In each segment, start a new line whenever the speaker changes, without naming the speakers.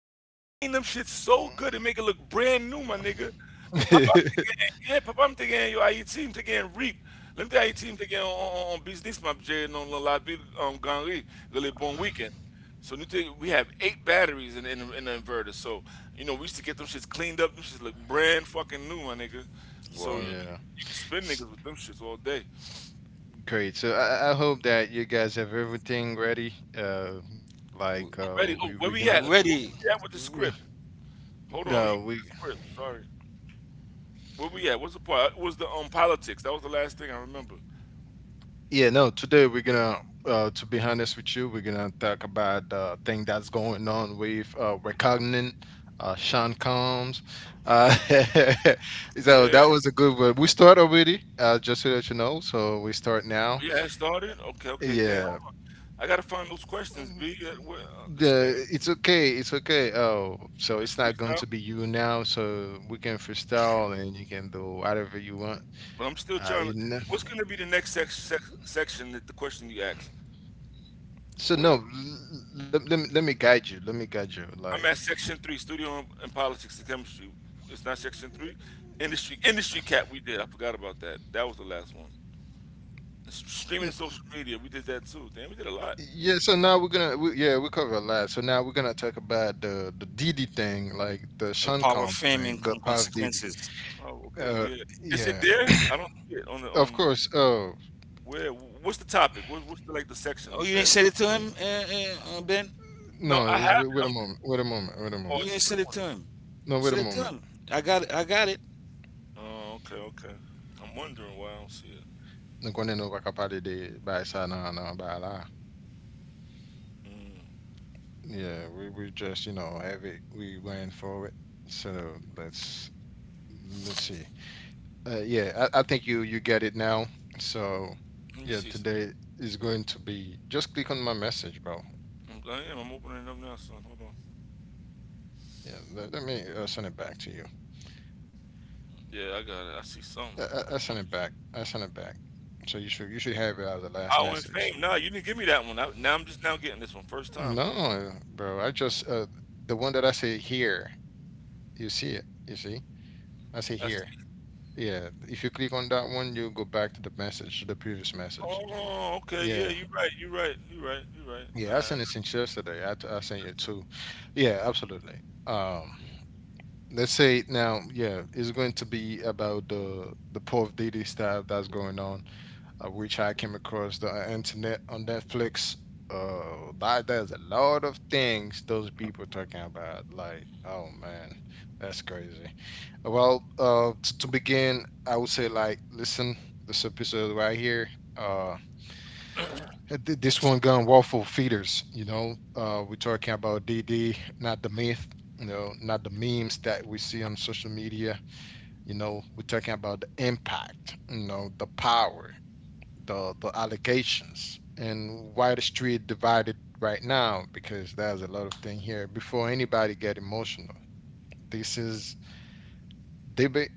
You could clean them shit so good and
Mm.
make it look brand new, my nigga. My Papa, I'm thinking, yeah, Papa, I'm thinking, yo, aí team thinking reap. Let me tell you, aí team thinking on business, my Jerry, on La Ville, Ganry, really bon weekend. So new thing, we have eight batteries in the inverter. So, we used to get them shits cleaned up. Them shits look brand fucking new, my nigga. So,
Well,
yeah.
you can spin
S-
niggas with them shits all day.
Great. So I hope that you guys have everything ready.
w-
I'm ready.
We
Oh,
we
where
gonna
we at?
w-
Where
already
we at with the
w-
script? Hold on,
no
let me
we
get this script. Sorry. Where we at? What's the part? It was the politics. That was the last thing I remember.
yeah no today we're gonna to be honest with you, we're gonna talk about the thing that's going on with recognizing Sean Combs. Uh, so
Yeah.
that was a good one. We start already. Just so that you know. So we start now.
Yeah, it started. Okay, okay. Damn,
Yeah.
hold on. I gotta find those questions, B.
Um,
This thing,
the It's okay. Oh, so
this
it's not
freestyle.
going to be you now, so we can freestyle and you can do whatever you want,
But I'm still trying to.
you know.
What's gonna be the next section that the question you asked?
So
Where
no Let me guide you,
I'm
like
at section 3, studio and politics and chemistry. It's not section 3. Industry cap. We did. I forgot about that. That was the last one. Streaming and
Mm,
social media. We did that too. Damn, we did a lot.
yeah. So now we're gonna we, yeah we cover a lot, so now we're gonna talk about the Diddy thing, like the
the
Sean
power of
Combs
fame
thing,
and
the Puff Diddy.
consequences.
Oh, okay,
uh
yeah. Is it
yeah
there? I don't see it on the.
of course. Oh
Where? What's the topic? What's the like the section?
Oh,
What's
you
the
didn't
headline?
send it to him, Ben.
No,
no
I
It's- wait,
haven't.
wait a
I'm just.
moment wait a moment wait a
Oh,
moment
You
it's a
didn't send
new
it
one.
to him.
no Wait a
Send it to
moment.
him. I got it. I got it.
Oh, okay, okay. I'm wondering why I don't see it.
Nung kung ano kakapali di bahasa na ano bahala.
Mm.
Yeah, we just, you know, have it. We went for it. So let's see. Yeah, I think you get it now. So
Let me
yeah,
see something.
today is going to be just click on my message, bro.
I am. I'm opening it up now, son. Hold on.
Yeah, let me send it back to you.
Yeah, I got it. I see something. A whole
I send
bunch of
it
shit.
back. I send it back. So you should have it as the last
Power and
message.
fame. Nah, you didn't give me that one. Now I'm just now getting this one. First time.
No, bro. I just, the one that I say here. You see it. You see. I say
I
here.
see.
Yeah, if you click on that one, you go back to the message, the previous message.
Oh, okay. Yeah,
Yeah,
you're right. You're right. You're right. You're right. All
yeah, I
right. I
sent it
got
since yesterday. I sent
you.
you two. Yeah, absolutely. Um, let's say now, yeah, it's going to be about the Puff Diddy stuff that's going on. Which I came across the internet on Netflix. Like there's a lot of things those people talking about. Like, oh man, that's crazy. Well, to begin, I would say like, listen, this episode right here. Uh, this one gun waffle feeders. You know, we're talking about DD, not the myth. You know, not the memes that we see on social media. You know, we're talking about the impact. You know, the power, the allegations, and why the street divided right now. Because there's a lot of thing here, before anybody get emotional, this is debate,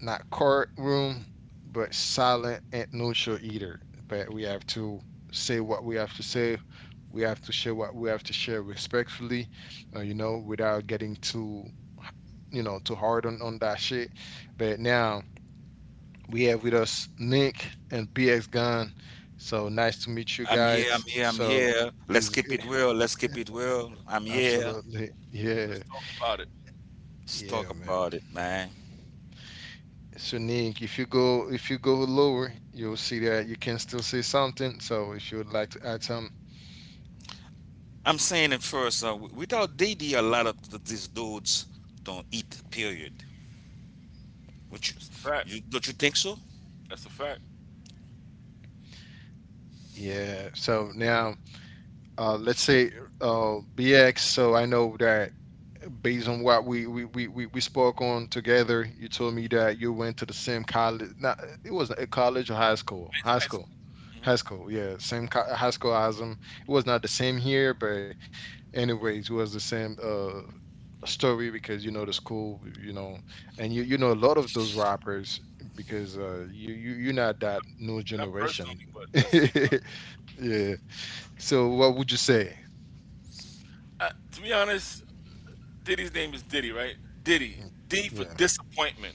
not courtroom, but silent and neutral either. But we have to say what we have to say, we have to share what we have to share respectfully, you know, without getting too, you know, too hard on that shit. But now we have with us Nick and PX Gun. So nice to meet you
I'm
guys.
here. I'm here. I'm
So
here. Let's
it's
keep
good.
it real. Let's keep it real. I'm here.
Absolutely. Yeah.
Let's talk about it.
Let's
Yeah,
talk
man.
about it, man.
So Nick, if you go lower, you'll see that you can still say something. So if you would like to add some,
I'm saying it first. Without DD, a lot of these dudes don't eat. Period. What you,
It's a fact.
you don't you think so?
That's a fact.
yeah. So now, let's say, BX. So I know that based on what we spoke on together, you told me that you went to the same college. Not, it wasn't a college or high school.
It's
High
high school.
school.
Hmm.
High school, yeah, same high school as him. It was not the same here, but anyways, it was the same story, because you know the school, you know, and you know
Hmm.
a lot of those rappers, because you're not that new
Not
generation.
personally, but I see.
Yeah. So what would you say?
To be honest, Diddy's name is Diddy, right? Diddy.
Mm,
D for
yeah.
disappointment.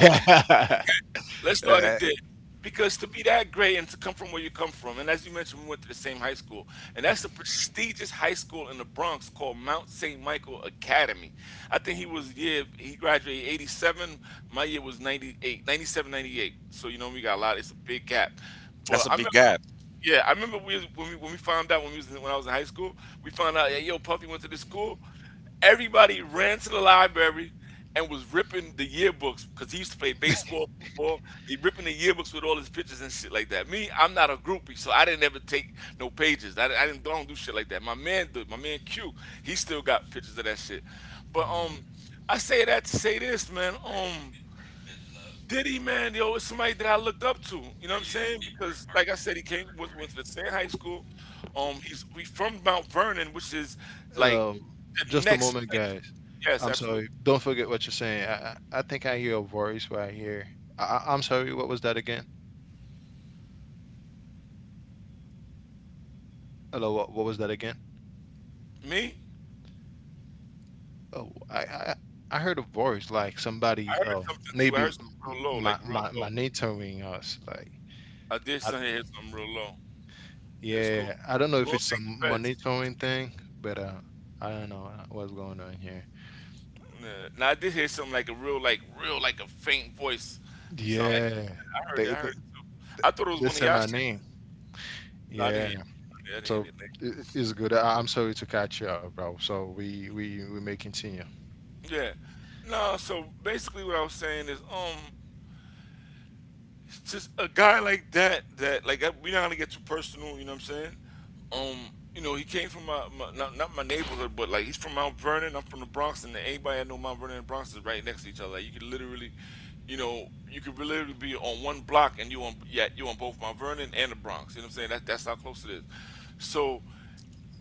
Let's start
Uh,
at Diddy. Because to be that great and to come from where you come from, and as you mentioned, we went to the same high school, and that's a prestigious high school in the Bronx called Mount St. Michael Academy. I think he was year he graduated '87. My year was '98, '97, '98. So you know we got a lot. It's a big gap,
That's
but
a
I
big
remember.
gap.
Yeah, I remember we was, when we found out when we was in high school, we found out, yeah, yo, Puffy went to this school. Everybody ran to the library and was ripping the yearbooks because he used to play baseball, football. He ripping the yearbooks with all his pictures and shit like that. Me, I'm not a groupie, so I didn't ever take no pages. I didn't, I don't do shit like that. My man, did. My man Q, he still got pictures of that shit. But
mm.
I say that to say this, man. Diddy, man, yo, it's somebody that I looked up to. You know what I'm saying? Because, like I said, he went to the same high school. He's we from Mount Vernon, which is like
Um,
the
just a
next
moment,
place.
guys.
Yes,
I'm sorry.
absolutely.
Don't forget what you're saying. I think I hear a voice right here. I'm sorry. What was that again? Hello, what was that again?
Me,
Oh, I heard a voice, like
I
somebody,
heard something too. I
maybe
heard something real low, like real
my
low.
monitoring us, like,
I did
I,
something hear something real low. It's cool.
yeah, I don't know if
Won't
it's
take the
some
feds.
monitoring thing, but I don't know, what's going on here.
Nah, now I did hear something like a real, like a faint voice. Sound like
Yeah,
I heard it.
they
I
they,
heard it too. I thought it was
they
one of
said
y'all
my
shits.
name.
No, I didn't hear.
Yeah,
It. I didn't
so
hear it.
it's good. I'm sorry to catch you out, bro. So we we may continue.
Yeah. No, so basically what I was saying is it's just a guy like that that we're not gonna get too personal, you know what I'm saying? Um, you know, he came from my not my neighborhood, but like he's from Mount Vernon, I'm from the Bronx and anybody I know Mount Vernon and Bronx is right next to each other. Like you could literally you know, you could literally be on one block and you on yeah, you on both Mount Vernon and the Bronx. You know what I'm saying? That that's how close it is. So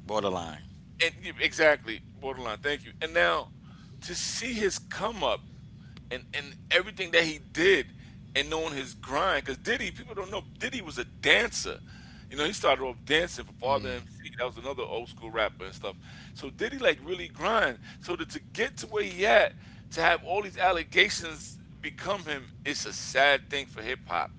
Borderline.
exactly borderline. Thank you. And now to see his come up and everything that he did and knowing his grind, because Diddy, people don't know Diddy was a dancer. You know, he started off dancing for Father
Mm.
MC. That was another old school rapper and stuff. So Diddy like really grind. So to get to where he at, to have all these allegations become him, it's a sad thing for hip hop.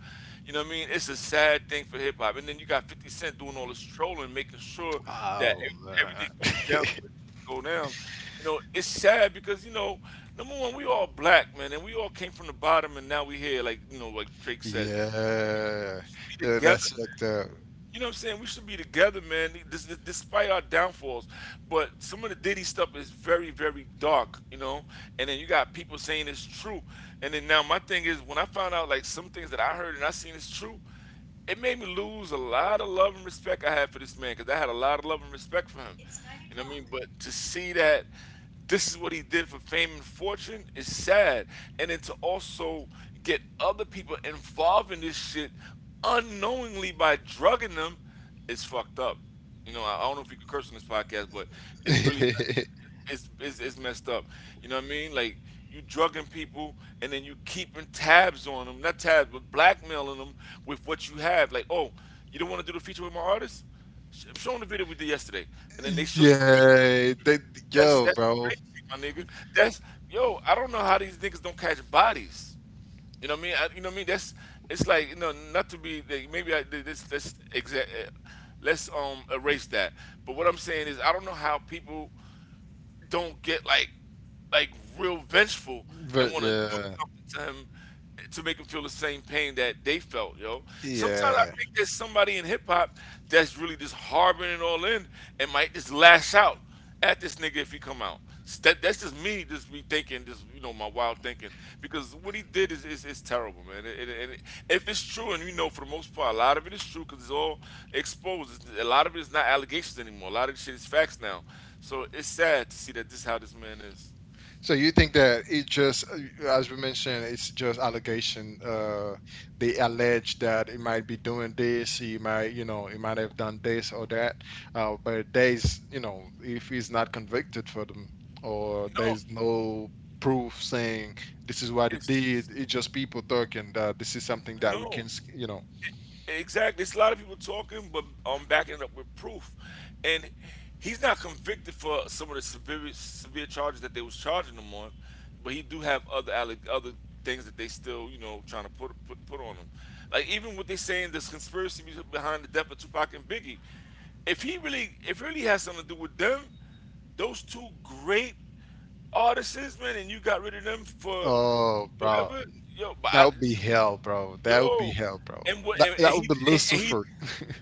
You know what I mean? It's a sad thing for hip hop. And then you got 50 Cent doing all this trolling, making sure that
Oh man,
everything goes down, go down. You know, it's sad because you know, number 1, we all black man, and we all came from the bottom, and now we here. Like you know, like Drake says, we
yeah.
used to be
Yeah,
together.
that's like the.
You know what I'm saying? We should be together, man. Despite our downfalls, but some of the Diddy stuff is very, very dark, you know. And then you got people saying it's true. And then now my thing is, when I found out like some things that I heard and I seen is true, it made me lose a lot of love and respect I had for this man because I had a lot of love and respect for him. You know what I mean? But to see that this is what he did for fame and fortune, it's sad. And then to also get other people involved in this shit unknowingly by drugging them, it's fucked up. You know, I don't know if you could curse on this podcast, but it's really it's messed up. You know what I mean? Like you drugging people and then you keeping tabs on them, not tabs, but blackmailing them with what you have. Like, oh, you don't want to do the feature with my artist? I'm showing the video we did yesterday, and then they show you a video.
Yeah,
that's
yo,
that's
bro.
crazy, my nigga. That's yo. I don't know how these niggas don't catch bodies. You know what I mean? You know what I mean? That's, it's like you know not to be like, maybe I did this. Let's exact. Let's erase that. But what I'm saying is I don't know how people don't get like real vengeful and
But
want to do
yeah,
something to him to make him feel the same pain that they felt, yo. Sometimes I
yeah.
think there's somebody in hip hop that's really just harboring it all in and might just lash out at this nigga if he come out. That's just me thinking, just you know, my wild thinking. Because what he did is terrible, man. And if it's true, and you know, for the most part, a lot of it is true because it's all exposed. It's- a lot of it is not allegations anymore. A lot of this shit is facts now. So it's sad to see that this is how this man is.
So you think that it just, as we mentioned, it's just allegation. They allege that it might be doing this, he might, you know, he might have done this or that. But there's, you know, if he's not convicted for them, or
No,
there's no proof saying this is what he did,
it's
it's just people talking that this is something that we can,
no.
s- you know.
Exactly. It's a lot of people talking, but backing it up with proof. And he's not convicted for some of the severe charges that they was charging him on, but he do have other things that they still you know trying to put on him. Like even what they saying this conspiracy behind the death of Tupac and Biggie. If it really has something to do with them, those two great artists, man, and you got rid of them for
Oh, bro.
whatever. Yo, but
That
I,
would be hell, bro. That would be
Yo,
hell, bro.
and what?
That
And, and
would
he
be
and and he
Lucifer.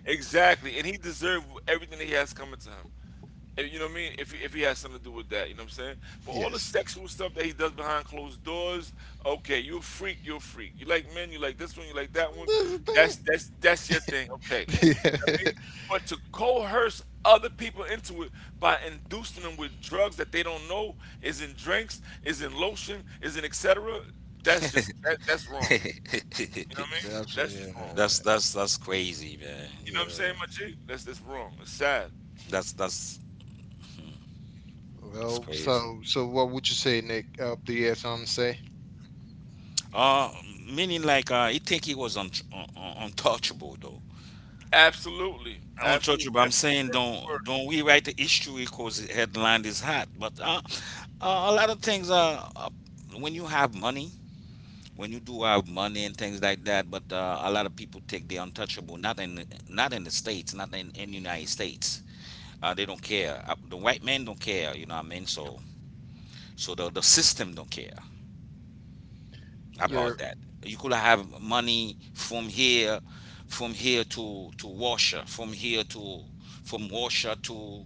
exactly, and he deserved everything that he has coming to him. And you know what I mean? If he has something to do with that, you know what I'm saying? But all the
Yes.
sexual stuff that he does behind closed doors, okay, you a freak, you a freak. You like men, you like this one, you like that one. That's
That's
that's that's your thing, okay?
the
You know what I
thing.
mean? But to coerce other people into it by inducing them with drugs that they don't know is in drinks, is in lotion, is in etc. That's just that's wrong. You know what I
The
mean?
abs-
That's
yeah,
just wrong.
That's that's crazy, man.
You know what I'm saying,
yeah.
my G? That's wrong. It's sad.
That's it's
Well,
crazy.
so so what would you say, Nick? Do you have something to say?
Uh, Meaning like he think he was untouchable though.
Absolutely. Absolutely.
Untouchable. I'm
That's the
saying
perfect
don't
word.
don't we write the history because the headline is hot. But a lot of things are when you have money, when you do have money and things like that. But a lot of people take the untouchable. Not in not in the states. Not in the United States. They don't care. The white men don't care. You know what I mean? So the system don't care
Your
about
Absolutely.
that. You could have money from here to Russia, from here to from Russia to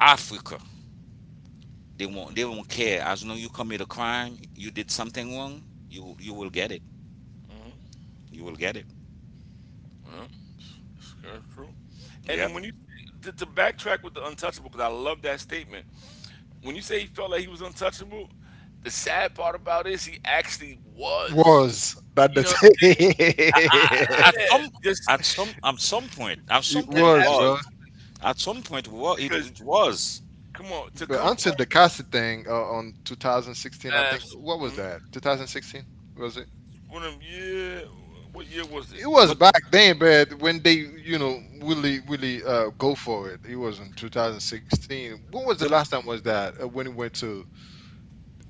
Africa. They don't
Mm-hmm.
care. As long as you commit a crime, you did something wrong, you will get it. You will get it.
Yeah, that's true. And then
Yep.
when you To backtrack with the untouchable, because I love that statement. When you say he felt like he was untouchable, the sad part about it is he actually was.
was that
You
the
know what I'm
thing?
saying?
At
Yeah.
some point
It
it
was, bro.
was
Absolutely.
at some point it
Because
it was,
come on, to
But
come from
until the Cassie thing, on 2016, I think.
absolutely.
What was
Mm-hmm.
that? 2016, was it?
One of them, yeah. What year was it?
It was
but
back then, but when they, you know, really, really, go for it, it was in 2016. When was the
the
last time was that? When it went to,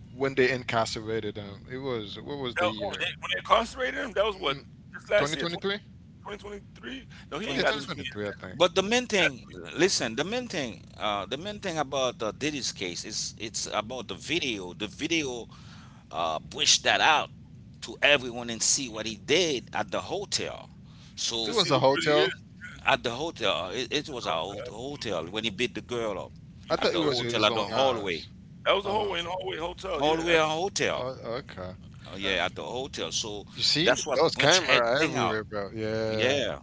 when they incarcerated them? It was, what was
that,
the
oh,
year?
when they incarcerated him? That was what
Mm,
just last year, 20,
2023?
2023. No, he ain't
Yeah,
got two
2023.
years.
2023, I
man.
think.
But the main
He got
thing,
2 years, man,
listen, the main thing about Diddy's case is it's about the video. The video pushed that out to everyone and see what he did at the hotel.
It
to
So
was
see
a
who really
hotel.
is.
at the hotel,
It was
it
just a
was a
hotel, absolutely.
hotel when he beat the girl up
I
You beat
at
thought
the
it
the
girl.
was
Yeah.
hotel,
his
at
own
the hallway,
house.
That was the
Um,
hallway, in the hallway hotel. Yeah,
hallway at
absolutely,
hotel.
oh, okay.
Yeah, at
absolutely.
the hotel. So
You see,
that's what
those
pushed
camera
everything out.
everywhere, bro. Yeah.
Yeah.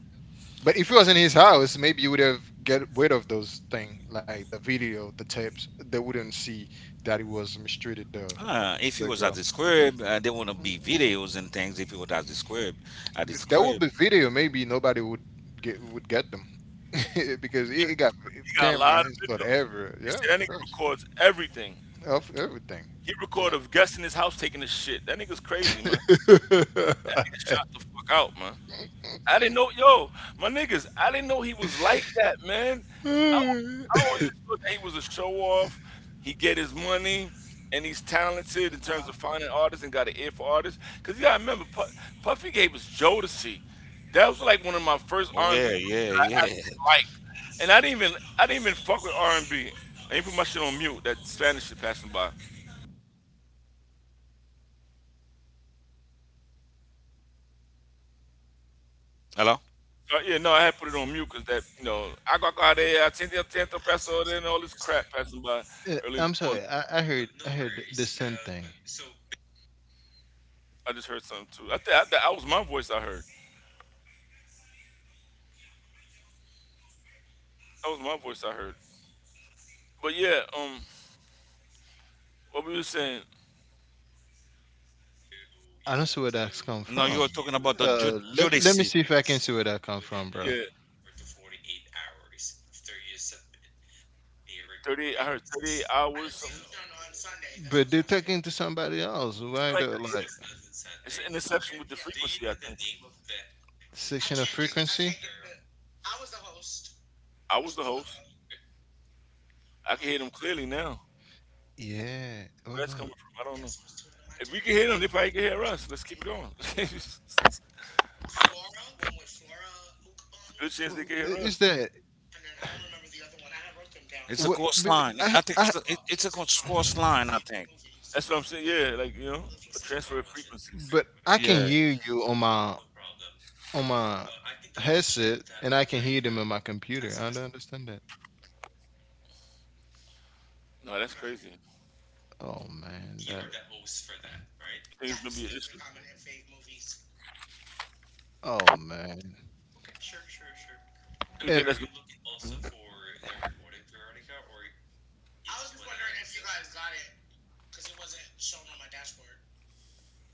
But if it was in his house, maybe you would have get rid of those thing, like the video, the tapes. They wouldn't see that he was mistreated
If you
the
was at
girl.
the squib, there wanna
Mm.
be videos and things. If you was at the squib, at the
Th- There would
squib.
be video. Maybe nobody would get them because
Yeah,
it got
he got a lot
camera
of
and stuff
videos.
everywhere.
They
Yeah,
said that
of
nigga
course,
records everything.
of everything.
He
You
recorded
know.
of guests in his house taking a shit. That nigga's crazy, man. That nigga shot the fuck out, man. I didn't know, yo, my niggas, I didn't know he was like that, man. I always, I always just thought that he was a show off. He get his money, and he's talented in terms of finding artists and got an ear for artists. 'Cause you gotta remember, Puffy gave us Jodeci. That was like one of my first
Oh
R and
yeah,
B groups
yeah,
that I
yeah.
actually liked, and I didn't even fuck with R&B. I didn't put my shit on mute. That Spanish shit passing by.
Hello.
Yeah, no, I had put it on mute because that, you know, I got out there, I tend to peso, and all this crap passing by early in
I'm
the morning.
sorry. I heard the same thing.
I just heard something too. That was my voice. I heard that was my voice. I heard. But yeah, what we were saying,
I don't see where that's come
No, you
from.
were talking about the
Uh, let me
Judici.
see if I can see where that come from, bro.
yeah, 38. I heard 38 hours. Something
But they're talking to somebody else. Why
like
the
that. Yeah.
like
It's an interception with the frequency. I think
section of frequency?
I was the host. I can hear them clearly now.
Yeah,
Where
what's
that's
going
coming
on?
from, I don't know. If we can hear them, they probably can hear us. Let's keep it going. It's a good chance they
Oh,
can hear
I-
us.
is that
It's a
what?
course line. I think it's a it, it's a course line. I think.
That's what I'm saying. Yeah, like, you know, a transfer of frequencies.
But I can
Yeah.
hear you on my headset, and I can hear them on my computer. I don't understand.
No, that's crazy. You
Oh man, that.
think it's gonna be an issue?
Right? Oh man.
You think
And
that's gonna? Hmm?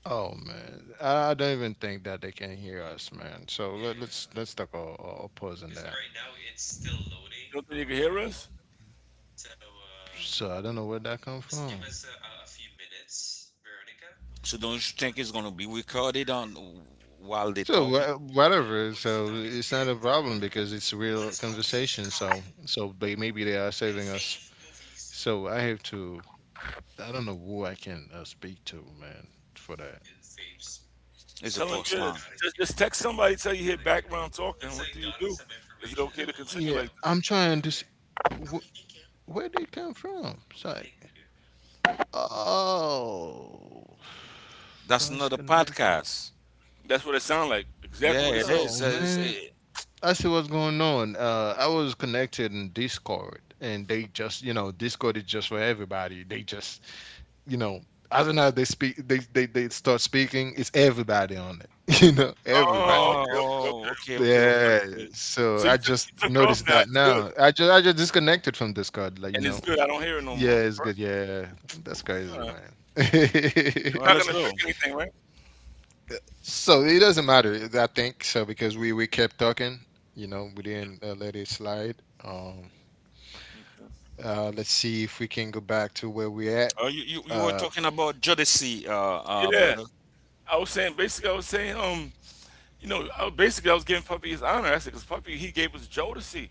or oh man, I don't even think that they can hear us, man. So let's yeah, let's talk a pause in that.
You don't think they can hear us?
So I don't know where that come from.
So don't you think it's gonna be recorded on while they're
So
talking?
wha- whatever. So it's not a problem because it's what real conversation. So they, maybe they are saving us. So I have to. I don't know who I can speak to, man, for that. Okay.
It's a
Tell him,
course
yeah,
line.
just text somebody, tell you hear background talking. What do you do? Is it okay to continue
Yeah,
like that?
I'm trying to. S- where they come from? It's like, oh,
That's
voice
another
connected.
podcast.
That's what it sound like. Exactly
Yeah,
what it
it
sound
is.
Oh man, I see what's going on. I was connected in Discord, and they just, you know, Discord is just for everybody. They just, you know, I don't know. They speak. They start speaking. It's everybody on it. You
like.
know, everybody.
Oh,
Oh,
okay,
oh,
okay,
okay,
okay.
okay, okay,
Yeah,
okay.
so
So
I just
you took it off
noticed
now.
that
It's good.
now. I just disconnected from Discord, like, you
And
know.
it's good. I don't hear it no more.
Yeah, it's
Perfect.
good. Yeah, that's crazy,
All right.
man.
It's
All right,
not going
let's
to affect
go.
anything, right?
So it doesn't matter, I think. So because we kept talking, you know, we didn't let it slide.
Okay.
Let's see if we can go back to where we at.
You, you you were
Uh,
talking about Judici,
Yeah.
brother.
I was saying, you know, I was giving Puffy his honor. I said, because Puffy, he gave us Jodeci.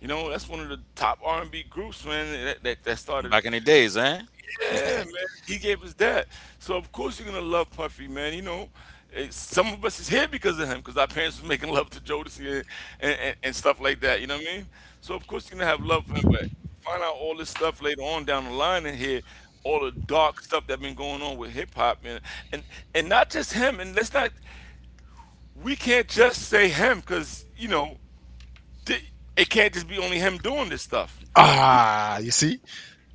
You know, that's one of the top R&B groups, man, that started.
Back in the days, eh?
Yeah, man. He gave us that. So of course you're gonna love Puffy, man. You know, some of us is here because of him, because our parents was making love to Jodeci and stuff like that. You know what I mean? So of course you're gonna have love for him, but find out all this stuff later on down the line and hear all the dark stuff that been going on with hip hop and and and not just him. And let's not we can't just say him, because you know it can't just be only him doing this stuff.
you see,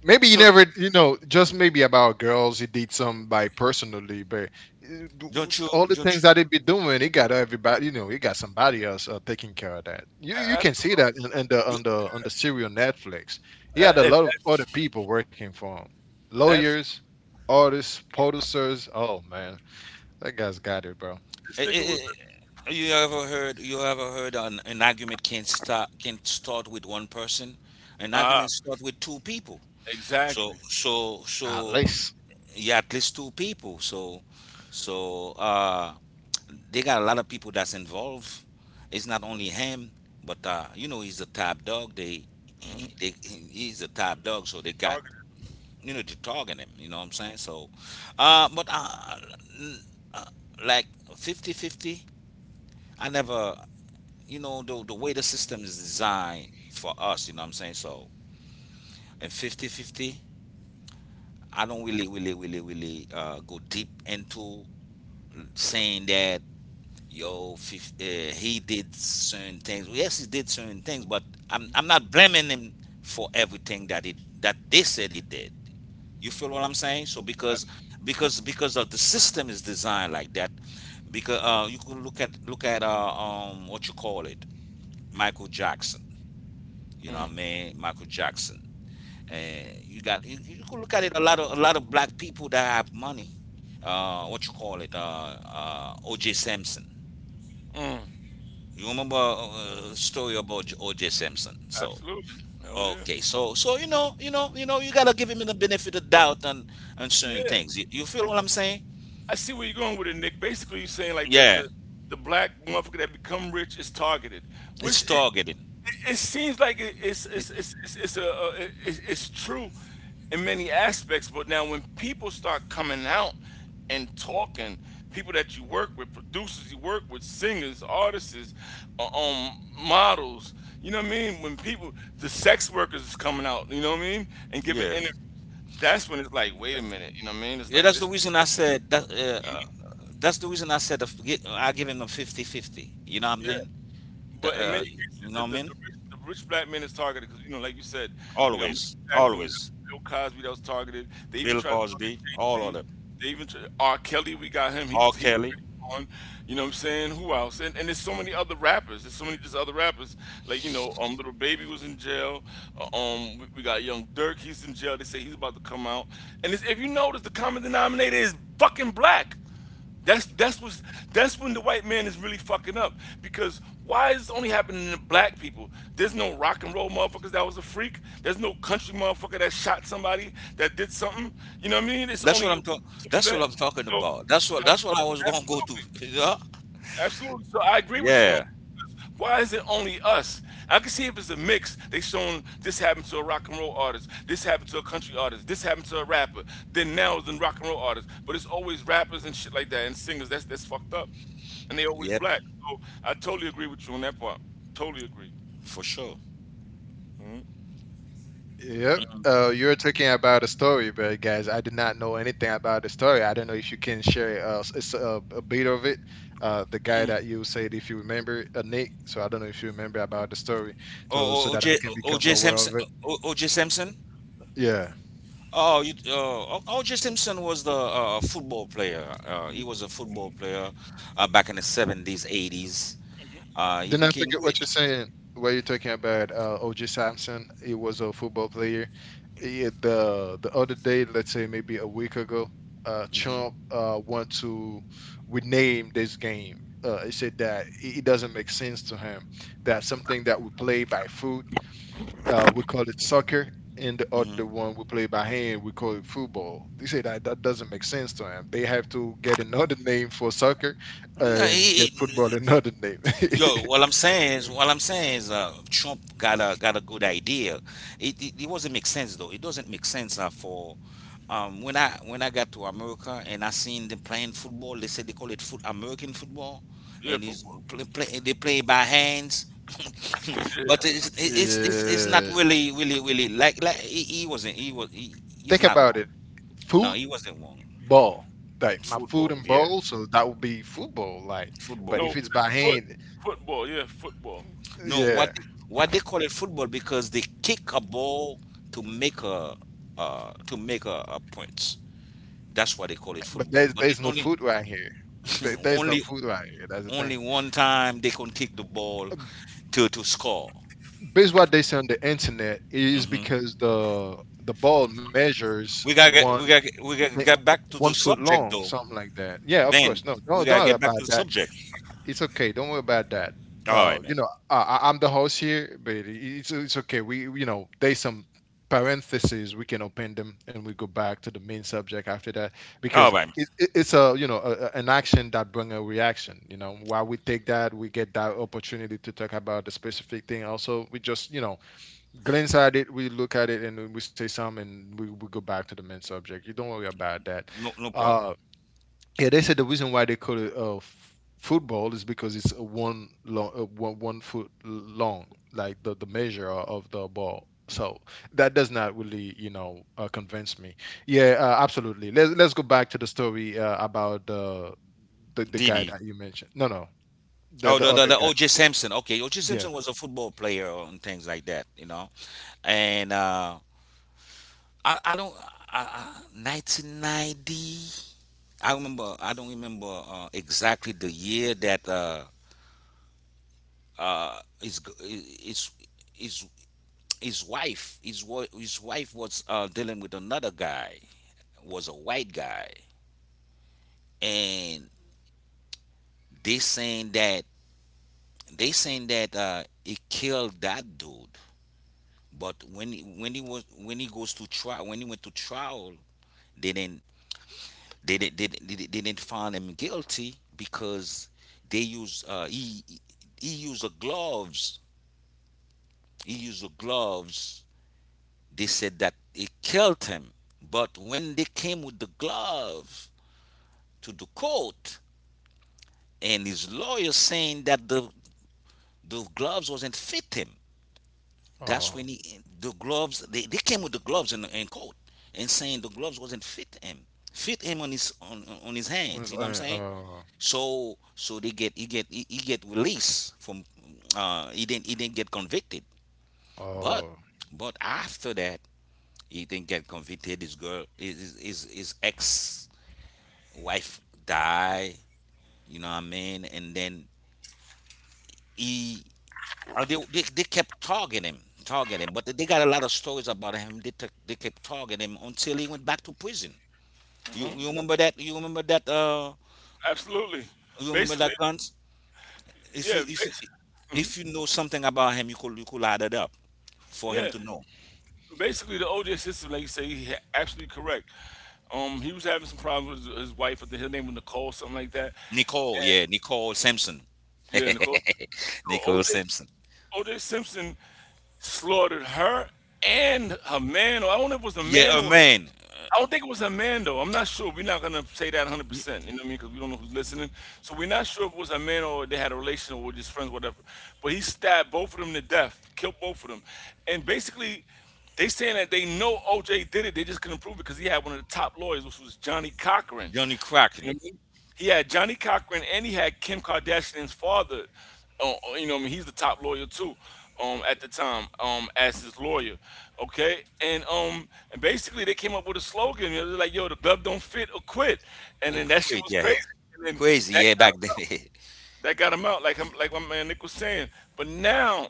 maybe you
So
never, you know, just maybe about girls he did some by personally, but all the
Don't
things
you?
that he be doing, he got everybody, you know, he got somebody else, taking care of that. You can see that
absolutely,
in the
you
on the on the serial Netflix. He had a
A- and
lot of
that's-
other people working for him:
absolutely.
lawyers, artists, producers, oh man, that guy's got it, bro,
This
eh, eh,
nigga
eh,
was
you ever heard? You ever heard an argument can start with one person? An
ah
argument start with two people. So
exactly.
so
at
so
least.
yeah, at least two people. So they got a lot of people that's involved. It's not only him, but you know he's a top dog. They
Hmm.
they he's a top dog, so
They
they got
targeted
you know, to target him. You know what I'm saying? Uh, but uh, n- uh, like 50-50, I never, you know, the way the system is designed for us. You know what I'm saying? So, in 50-50, I don't really go deep into saying that yo, he did certain things. Well, yes, he did certain things, but I'm not blaming him for everything that he that they said he did. You feel what I'm saying? So because of the system is designed like that. Because you could look at what you call it, Michael Jackson. You know what
him.
I mean? Michael Jackson. And you got you could look at it a lot of black people that have money. What you call it? O.J. Simpson.
Mm, mm.
You remember story about O.J. Simpson? So
Absolutely. Hell yeah.
okay, so so you know you gotta give him the benefit of doubt on certain
Yeah.
things. You feel what I'm saying?
I see where you're going with it, Nick. Basically, you're saying like the
Yeah.
the the black motherfucker that become rich is targeted,
It's
which it
targeting.
it, it seems like it,
It-
it's a it, it's true in many aspects. But now when people start coming out and talking, people that you work with, producers you work with, singers, artists, models, you know what I mean? When people, the sex workers is coming out, you know what I mean, and giving
yeah,
interviews. That's when it's like, wait a minute, you know what I mean? It's
yeah.
like
That's the
this,
reason I said that. That's the reason I said I give him a 50-50. You know what I'm
yeah.
saying?
But in many cases,
You know what I mean?
the rich black man is targeted because, you know, like you said, we got Michael
Always,
Jackson, we got
always.
Bill Cosby that was targeted. They even
Bill
tried to target
Cosby,
Jay
all of
Z.
them.
They even tried, R. Kelly, we got him.
R.
He's
Kelly.
already on. You know what I'm saying? Who else? And there's so many other rappers. There's so many just other rappers. Like, you know, Little Baby was in jail. We got Young Dirk. He's in jail. They say he's about to come out. And if you notice, the common denominator is fucking black. That's that's what's that's when the white man is really fucking up because why is this only happening to black people? There's no rock and roll motherfuckers that was a freak. There's no country motherfucker that shot somebody that did something. You know what I mean?
That's what I'm talking.
It's only
That's what
that.
I'm talking
So
about. That's what. That's what I was gonna go to.
absolutely,
You know?
absolutely. So I agree with you on
Yeah.
why is it only us? I can see if it's a mix. They shown this happened to a rock and roll artist, this happened to a country artist, this happened to a rapper, then now it's a rock and roll artist. But it's always rappers and shit like that and singers. That's fucked up, and they always
Yep.
black. So I totally agree with you on that part. Totally agree.
For sure.
Yep. You're talking about a story, but guys, I did not know anything about the story. I don't know if you can share, a bit of it. The guy that you said, if you remember, Nick. So I don't know if you remember about the story, so so that I can
O
become
J
aware
Simpson.
of it.
OJ Simpson.
Yeah.
Oh, you, uh, O.J. Simpson was the football player. He was a football player back in the 70s, 80s. He
Then I
became
forget what
rich.
you're saying. What you're talking about? O.J. Simpson. He was a football player. He, the other day, let's say maybe a week ago,
hmm
Trump want to rename this game. He said that it doesn't make sense to him that something that we play by foot, we call it soccer, and the other
hmm
one we play by hand, we call it football. He said that that doesn't make sense to him. They have to get another name for soccer
No,
and get football another name.
yo,
Yeah.
what I'm saying is, Trump got a good idea. It wasn't make sense though. It doesn't make sense for when I got to America and I seen them playing football. They said they call it foot American football,
Yeah,
and is
football.
they play by hands. but it's not
Yeah.
really he wasn't he was he's
Think
not
about
wrong.
it.
No, he wasn't wrong.
Football. Like my food
Football,
and
yeah,
bowl, so that would be football. Like, but
No,
football.
if it's by
foot
hand,
football. Yeah, football.
No,
yeah.
what they call it football because they kick a ball to make a to make a points. That's why they call it
But
football.
there's
But
there's
it's
no
only
food right here. There's no
only
food right here. That's the
only
thing.
one time they can kick the ball to score.
Based what they say on the internet is
Hmm
because the ball measures
We gotta get we
thi-
gotta get back to
one
the
foot
subject
long,
though,
something like that. Yeah, of course.
Ben.
No, no,
We
don't
gotta
worry
get back
about
to the
that.
subject.
It's okay. Don't worry about that.
All right, man.
I'm the host here, but it's okay. There's some parentheses we can open them, and we go back to the main subject after that because
All right, man.
it's a a, an action that bring a reaction, while we take that, we get that opportunity to talk about the specific thing. Also, we just glance at it, we look at it, and then we say something, and we go back to the main subject. You don't worry about that.
No no problem.
Uh, yeah, they said the reason why they call it football is because it's a one long, one foot long, like the measure of the ball. So that does not really, convince me. Yeah, absolutely. Let's go back to the story about the guy
Didi.
that you mentioned. No, no,
Oh,
the other
the
guy.
O.J. Simpson. Okay, O.J.
Yeah.
Simpson was a football player and things like that, you know. And I don't. I, I, 1990. I remember. I don't remember exactly the year that his his his his wife his wife was dealing with another guy. Was a white guy, and they saying that they saying that it killed that dude. But when he was when he went to trial, they didn't They didn't they, didn't- they, didn't- find him guilty because they use he used the gloves. He used the gloves. They said that it killed him. But when they came with the glove to the court, and his lawyer saying that the gloves wasn't fit him, that's
Oh,
when he the gloves they came with the gloves in court and saying the gloves wasn't fit him on on his hands.
was-
You know what I'm
uh,
saying?
uh,
So so they get he get released from he didn't get convicted. But
oh.
but after that he didn't get convicted. His girl his ex-wife died. You know what I mean? And then he they kept targeting him, targeting him. But they got a lot of stories about him. They kept targeting him until he went back to prison. You remember that? You remember that?
Absolutely.
You remember
Basically,
that gun? if you
yeah,
if you
bas-
if you know something about him, you could add it up for him
yeah.
to know.
Basically the OJ system, like you say, absolutely correct. He was having some problems with his wife. I think her name was Nicole, something like that.
Nicole, yeah, Nicole Simpson.
Yeah, Nicole. So
Nicole Simpson.
OJ Simpson slaughtered her and her man, or I don't know if it was a
Yeah,
man
a
or
man.
I don't think it was a man though. I'm not sure. We're not gonna say that 100
Ni-
percent. You know what I mean? Because we don't know who's listening. So we're not sure if it was a man or they had a relation or were just friends, whatever. But he stabbed both of them to death, killed both of them, and basically they saying that they know OJ did it. They just couldn't prove it because he had one of the top lawyers, which was Johnny Cochran.
Johnny Kraken.
And he had Johnny Cochran and he had Kim Kardashian's father. You know, what I mean, he's the top lawyer too. At the time, as his lawyer, okay, and basically they came up with a slogan. It was like, "Yo, the glove don't fit or quit," and
He
then that shit
quit,
was
yeah,
crazy. And then
crazy,
that
yeah,
got
back
him,
then.
that got him out, like my man Nick was saying. But now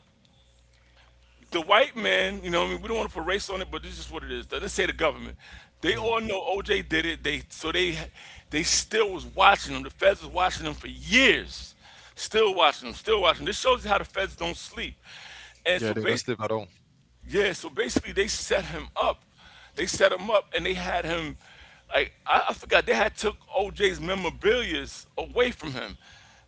the white man, you know, what I mean, we don't want to put race on it, but this is what it is. Let's say the government. They all know OJ did it. They so they still was watching him. The feds was watching him for years, still watching him, still watching him. This shows you how the feds don't sleep. And
Yeah,
so
dude, that's
basically,
different at all.
yeah, so basically they set him up. They set him up and they had him like I forgot they had took OJ's memorabilia away from him.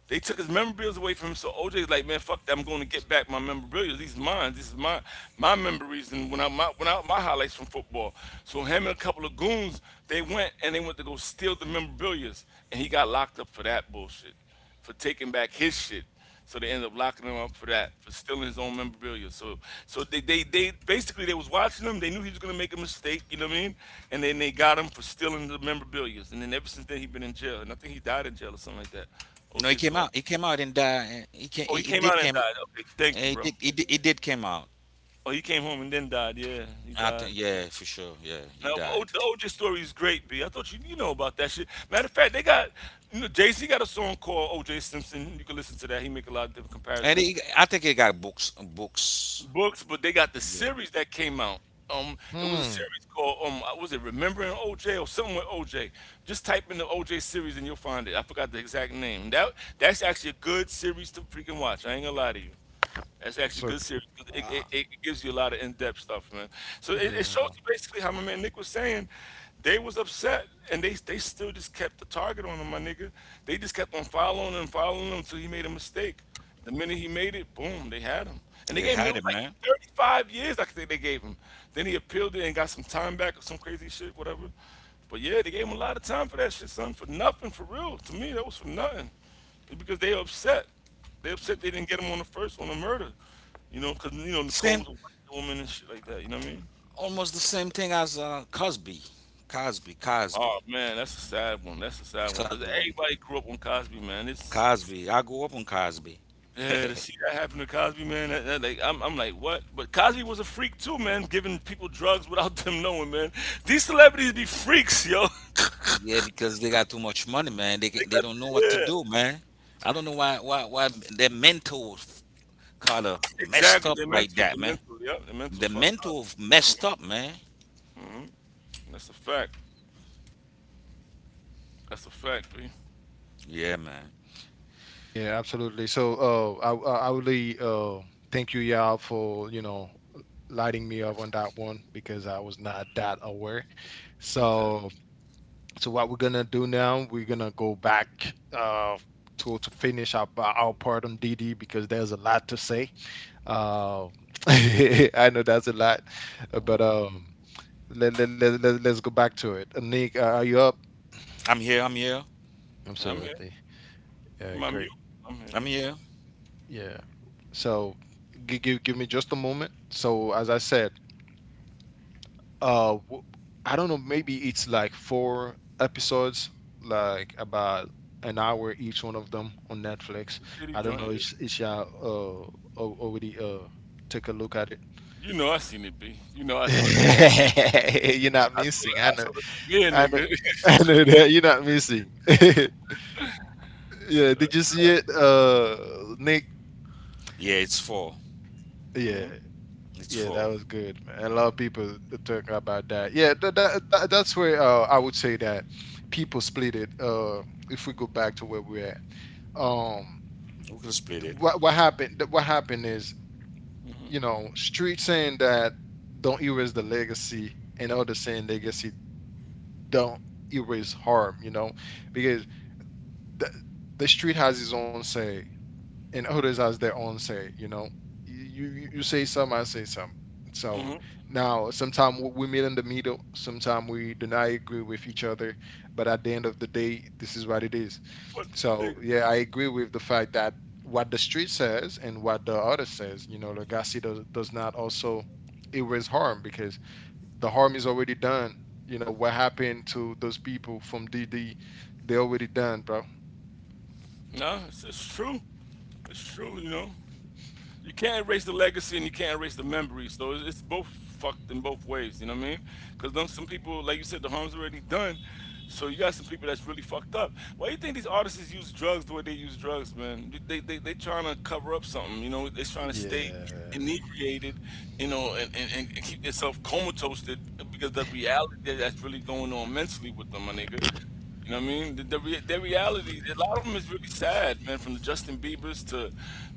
They took his memorabilia away from him, so OJ's like, man, fuck that, I'm gonna get back my memorabilia. These are mine, this is my my memories and when I my highlights from football. So him and a couple of goons, they went to go steal the memorabilia, and he got locked up for that bullshit for taking back his shit. So they ended up locking him up for that, for stealing his own memorabilia. So they was watching him. They knew he was gonna make a mistake, you know what I mean? And then they got him for stealing the memorabilia. And then ever since then he been in jail. And I think he died in jail or something like that.
No, he
OJ's
came
gone.
out. He came out and died. He can.
Oh, he
He
came
did
out and
came.
died. Okay, thank you,
He
bro.
did. He did came out.
Oh, he came home and then died. Yeah, he
I
died.
think, yeah, for sure. Yeah, he
No, but O-
died.
The OJ story is great, B. I thought you you know about that shit. Matter of fact, they got you know, Jay Z got a song called OJ Simpson. You can listen to that. He make a lot of different
And
comparisons.
he, I think he got books. Books.
Books, but they got the
Yeah,
series that came out. It was a
Hmm.
series called was it Remembering OJ or something with OJ? Just type in the OJ series and you'll find it. I forgot the exact name. That's actually a good series to freaking watch. I ain't gonna lie to you. That's actually a
So,
good series 'cause it,
uh,
it, it gives you a lot of in depth stuff, man. So it shows
yeah,
you basically how my man Nick was saying they was upset and they still just kept the target on him, my nigga. They just kept on following him until he made a mistake. The minute he made it, boom, they had him. And they
they
gave him, it
had
was
it,
like
man.
35 years, I think they gave him. Then he appealed it and got some time back or some crazy shit, whatever. But yeah, they gave him a lot of time for that shit, son. For nothing, for real. To me, that was for nothing. It's because they upset. They upset they didn't get him on the first, on the murder. You know, because, you know, Nicole
Same
was a white woman and shit like that. You know what I mean?
almost the same thing as Cosby, Cosby, Cosby,
Oh, man, that's a sad one. That's a sad one. Because
side one,
everybody grew up on Cosby, man. It's.
Cosby. I grew up on Cosby.
Yeah, to see that happen to Cosby, man, that, that like I'm like, what? But Cosby was a freak too, man, giving people drugs without them knowing, man. These celebrities be freaks, yo.
yeah, because they got too much money, man.
they
They
got,
don't know what to
yeah,
do, man. I don't know why their mental kind of messed
exactly.
up
They're
like
mental.
that,
They're
man.
mental. Yeah, their mental's
The
fucked up.
mental messed up, man.
hmm That's a fact. That's a fact, B.
Yeah, man.
yeah, absolutely. So, I really thank you, yeah, for lighting me up on that one because I was not that aware.
Okay.
So, so what we're gonna do now? We're gonna go back uh to finish up our part on DD because there's a lot to say. Uh, I know that's a lot, but
hmm
let's go back to it. Nick, are you up?
I'm here. I'm here.
I'm here.
Absolutely. Yeah,
Am I
great.
mute? I'm here.
I'm here.
Yeah. So give me just a moment. So as I said, uh w- I don't know, maybe it's like four episodes, like about an hour each one of them on Netflix.
The Diddy
I don't know
joint. Yeah.
if y'all al- already took a look at it.
You know I seen it, B. You know I saw that shit.
You're not
I saw
missing. I
I
know.
saw the premiere,
I know.
nigga.
I know that you're not missing. Yeah, did you see it, Nick?
Yeah, it's four.
Yeah,
hmm
It's
yeah, that
four.
was good, man. And a lot of people talk about that. Yeah, that's where I would say that people split it. If we go back to where we're at, um,
We can split it.
what happened? What happened is, you
hmm
know, street saying that don't erase the legacy, and others saying legacy don't erase harm. You know, because the the street has its own say, and others has their own say. You know, you say some, I say some. So
hmm
now, sometimes we meet in the middle. Sometimes we do not agree with each other, but at the end of the day, this is what it is.
But
So
it,
yeah, I agree with the fact that what the street says and what the other says. You know, Lagasse does not also erase harm because the harm is already done. You know what happened to those people from DD? They already done, bro.
no, it's true. It's true. You know, you can't erase the legacy and you can't erase the memory. So it's both fucked in both ways. You know what I mean? Because then some people, like you said, the harm's already done. So you got some people that's really fucked up. Why do you think these artists use drugs the way they use drugs, man? They trying to cover up something. You know, they trying to stay
Yeah.
inebriated. You know, and keep themselves comatose because the reality that's really going on mentally with them, my nigga. You know what I mean? Their reality, a lot of them is really sad, man. From the Justin Bieber's to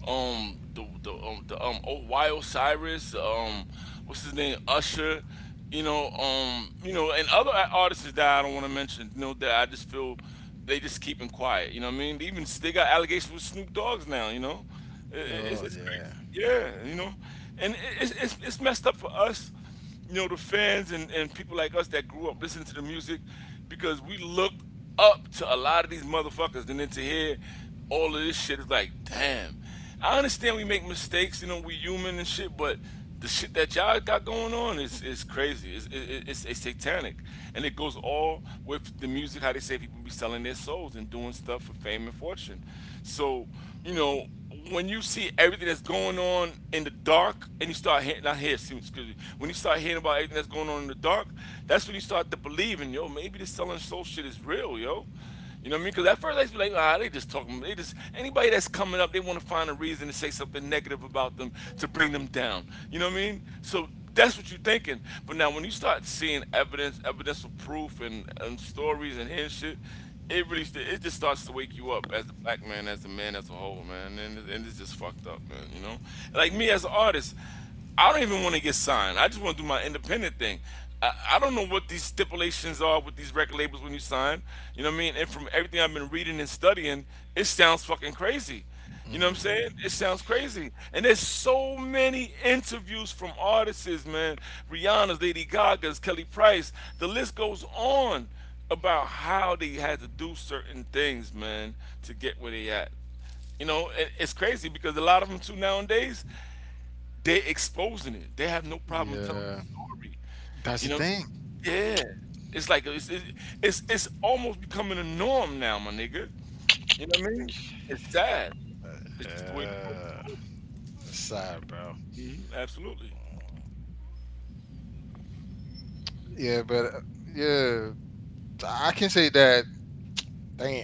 um the the um, the, um oh, Osiris, what's his name, Usher. You know, and other artists that I don't want to mention. You know, that I just feel they just keeping quiet. You know what I mean? They even they got allegations with Snoop Dogg's now. You know,
Oh
it's
yeah.
crazy. Yeah, you know, and it's messed up for us, you know, the fans and people like us that grew up listening to the music because we looked up to a lot of these motherfuckers. And then to hear all of this shit is like, damn. I understand we make mistakes, you know, we human and shit, but the shit that y'all got going on is crazy. It's satanic. And it goes all with the music, how they say people be selling their souls and doing stuff for fame and fortune. So, you know, when you see everything that's going on in the dark and you start hearing not hear excuse me when you start hearing about everything that's going on in the dark, that's when you start to believe in, yo, maybe this selling soul shit is real, yo. You know what I mean? Because at first I used to be like, ah, they just talking. They just, anybody that's coming up, they want to find a reason to say something negative about them to bring them down. You know what I mean? So that's what you're thinking. But now when you start seeing evidence, evidential proof, and stories and hearing shit, it really, it just starts to wake you up as the black man, as the man as a whole, man. And, and it's just fucked up, man. You know, like me as an artist, I don't even want to get signed. I just want to do my independent thing. I don't know what these stipulations are with these record labels when you sign. You know what I mean? And from everything I've been reading and studying, it sounds fucking crazy. You know what I'm
Mm,
saying? It sounds crazy. And there's so many interviews from artists, man. Rihanna's, Lady Gaga's, Kelly Price. The list goes on about how they had to do certain things, man, to get where they at. You know, it's crazy because a lot of them too nowadays they exposing it. They have no problem telling the
yeah,
story.
that's
You
the
know,
thing.
yeah, it's like it's almost becoming a norm now, my nigga. It's sad. It's just the way the world is
Yeah,
going.
sad, bro.
Absolutely.
Yeah, but yeah, I can say that. Damn,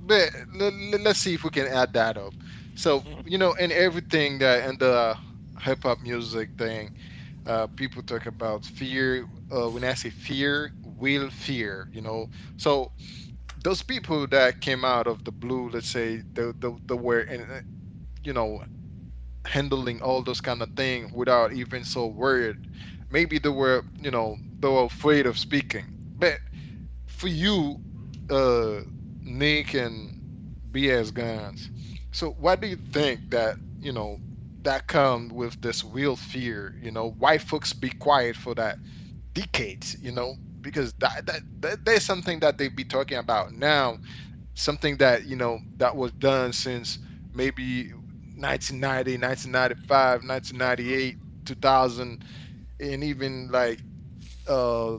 but let's see if we can add that up. So you
hmm
know, in everything that in the hip hop music thing, people talk about fear. When I say fear, will fear, you know. So those people that came out of the blue, let's say, the were in, you know handling all those kind of things without even so worried. Maybe they were, you know, they were afraid of speaking. But for you, uh, Nick and BS guns. So why do you think that, you know, that come with this real fear, you know, why folks be quiet for that decades, you know? Because that there's something that they be talking about now, something that you know that was done since maybe 1990, 1995,
Absolutely.
1998, 2000, and even like uh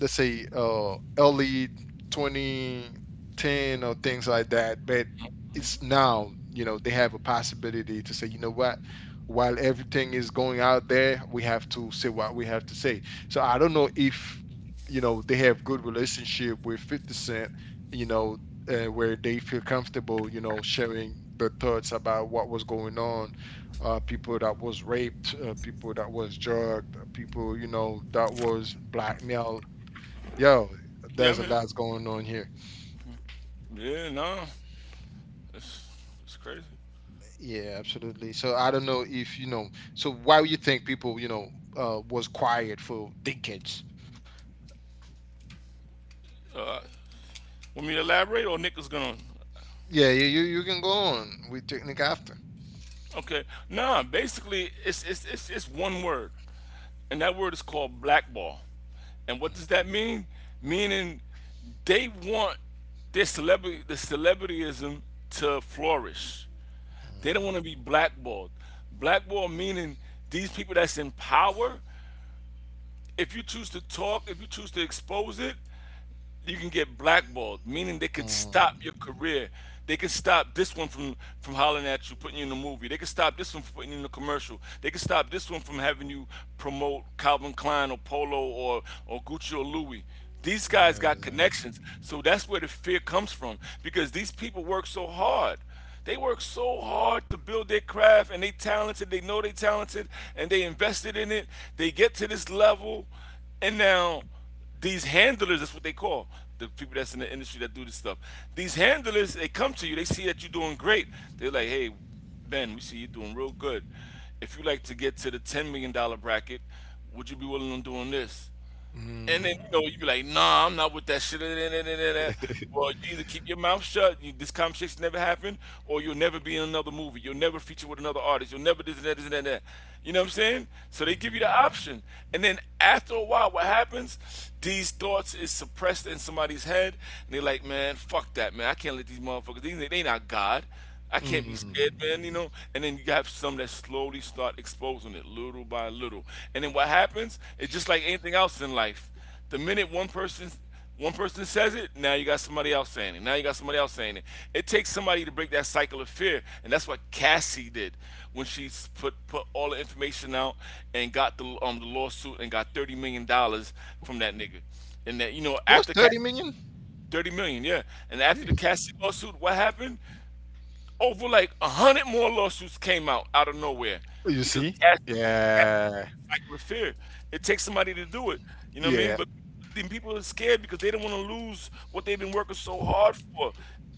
let's say early 2010, or things like that. But it's now, you know, they have a possibility to say, you know what, while everything is going out there, we have to say what we have to say. So I don't know if they have good relationship with 50 cent, you know, where they feel comfortable sharing their thoughts about what was going on, people that was raped, people that was drugged, people, you know, that was black. Now, yo,
Yeah, I'm
there's a
here.
lot going on here.
Yeah, no, it's it's crazy.
Yeah, absolutely. So I don't know if you know. So why would you think people, you know, was quiet for decades?
Uh, want me to elaborate or Nick is gonna.
Yeah, you can go on with technique after.
Okay. Nah, basically it's one word. And that word is called blackball. And what does that mean? Meaning they want the celebrityism to flourish. They don't
Mhm.
want to be blackballed. Blackball meaning these people that's in power, if you choose to talk, if you choose to expose it, you can get blackballed, meaning they could
Mm,
stop your career. They could stop this one from hollering at you, putting you in a movie. They could stop this one from putting you in a commercial. They could stop this one from having you promote Calvin Klein or Polo or Gucci or Louis. These guys got
yeah.
connections, so that's where the fear comes from because these people work so hard. They work so hard to build their craft and they talented, they know they talented and they invested in it. They get to this level and now these handlers, that's what they call the people that's in the industry that do this stuff, these handlers, they come to you, they see that you're doing great, they're like, hey, Ben, we see you're doing real good. If you like to get to the $10 million dollar bracket, would you be willing on doing this? And then
Mm.
you know you be like, nah, I'm not with that shit. Eh, eh, eh, eh, eh, eh. Well, you either keep your mouth shut, you, this conversation never happened, or you'll never be in another movie. You'll never feature with another artist. You'll never this and that, this and that, and that. You know what I'm saying? So they give you
Mm-hmm.
the option, and then after a while, what happens? These thoughts is suppressed in somebody's head, and they're like, man, fuck that, man. I can't let these motherfuckers. They not God. I can't be scared,
Mm.
man, you know? And then you have some that slowly start exposing it little by little. And then what happens, it's just like anything else in life. The minute one person says it, now you got somebody else saying it. Now you got somebody else saying it. It takes somebody to break that cycle of fear. And that's what Cassie did when she put all the information out and got the lawsuit and got $30 million from that nigga. And that, you know,
It was
after
30
Cassie
million.
30 million, yeah. And after
Phew.
the Cassie lawsuit, what happened? Over like 100 more lawsuits came out out of nowhere
You
because
see?
casting, casting is
Yeah.
a cycle of fear. It takes somebody to do it. You know what I mean?
Yeah.
But then people are scared because they don't want to lose what they've been working so hard for.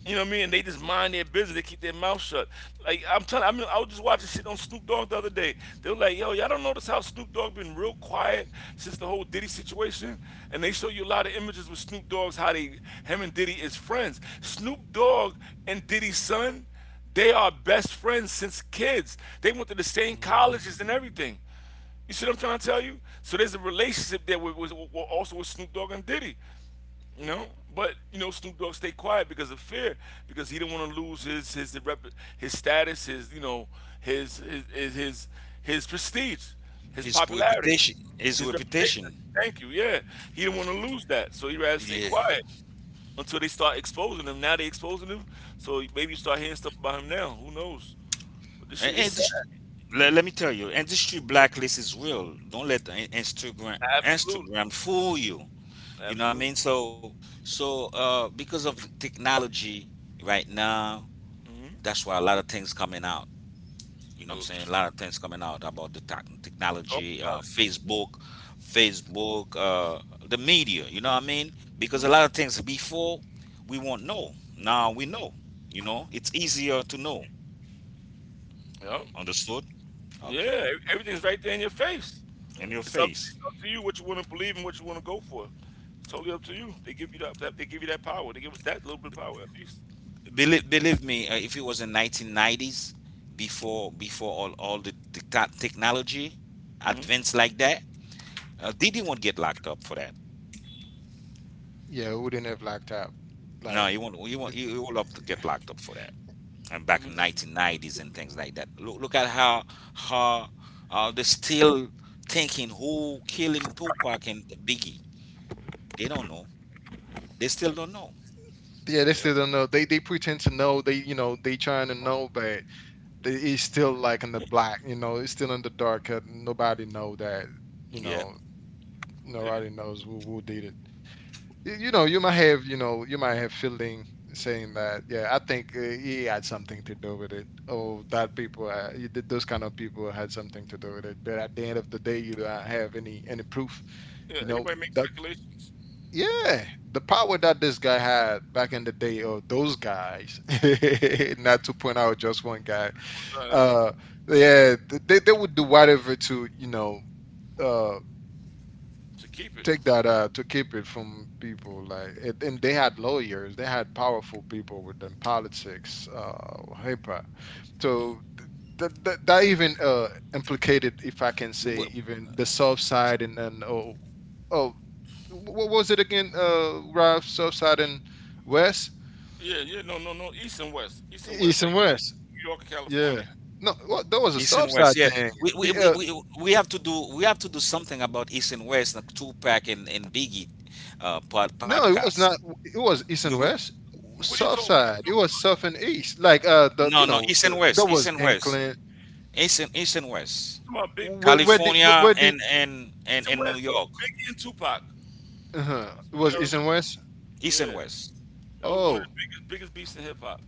You know what I mean? And they just mind their business. They keep their mouth shut. Like I'm telling, I mean, I was just watching shit on Snoop Dogg the other day. They were like, "Yo, y'all don't notice how Snoop Dogg been real quiet since the whole Diddy situation?" And they show you a lot of images with Snoop Dogg's how they him and Diddy is friends. Snoop Dogg and Diddy's son, they are best friends since kids. They went to the same
Mm.
colleges and everything. You see what I'm trying to tell you? So there's a relationship there with, also with Snoop Dogg and Diddy. You know, but you know Snoop Dogg stayed quiet because of fear, because he didn't want to lose his rep, his status, his, his his his his, his prestige, his
His
popularity,
reputation. His
his reputation.
reputation.
Thank you. Yeah, he didn't want to lose that, so he rather stay
Yeah.
quiet until they start exposing him. Now they exposing him, so maybe you start hearing stuff about him now. Who knows? But this shit
And
is sad.
industry, let me tell you, industry blacklist is real. Don't let the
Absolutely,
Instagram fool you. You know what I
absolutely.
mean? So because of the technology right now,
Mm-hmm.
that's why a lot of things coming out. You know what I'm saying? A lot of things coming out about the
Talk
technology,
about it.
Facebook, Facebook, the media. You know what I mean? Because a
Mm-hmm.
lot of things before we won't know. Now we know. You know, it's easier to know.
Yep.
Understood?
Yeah,
Okay.
everything's right there in your face.
In your
It's up,
face.
it's up to you what you want to believe and what you want to go for. It's totally up to you. They give you that power. They give us that little bit of power at least.
Believe me, if it was in 1990s, before all the technology
hmm
advanced like that, Didi won't get locked up for that.
Yeah, it wouldn't have locked up.
No,
Like,
you won't. You won't.
th-
You will have to get locked up for that. And back
hmm
in 1990s and things like that. Look at how how they're still thinking who killing Tupac and Biggie. They don't know. They still don't know.
yeah, they still
Yeah.
don't know. They pretend to know. They you know they trying to know, but they, it's still like in the black. You know, it's still in the dark. Nobody know that. You
Yeah.
know,
Who did it?
nobody knows who did it. You
Mhm.
know, you might have you might have fielding saying that. Yeah, I think he had something to do with it. Oh, that people, you those kind of people had something to do with it. But at the end of the day, you don't have any proof.
Yeah.
You know,
Everybody makes
that
speculations.
yeah, the power that this guy had back in the day, or those guys, not to point out just one guy.
Who, uh,
Uh, yeah, th- they would do whatever to you know uh
to keep it.
take that to keep it from people like it, and they had lawyers, they had powerful people within politics, uh, hyper. So that even implicated, if I can say, even the south side, and then oh, oh, what was it again, Ralph, south side and west,
Yeah, yeah, no. East and West,
east
like
and west.
New York and
Yeah.
California.
No, well, there was a
East
south
and
side
West, yeah.
thing.
We we,
P-
we,
uh,
we we have to do we have to do something about East and West, like Tupac and Biggie
No, it was
podcast.
not. It was east and
We, will-
west, south
What are you
side. It
talking
was
about?
south and east. Like the
no,
you
no,
know,
East
the,
and
that
West, East
was
and West.
Gangland.
East and West.
You talking about big, big, big, big
California
Where did
and and
East
and,
and
and New
West,
York.
Biggie and Tupac. That's what
it
you
was
gotta
east and west?
remember.
East and
Yeah,
West.
that was one of the
Oh,
biggest beats in hip hop.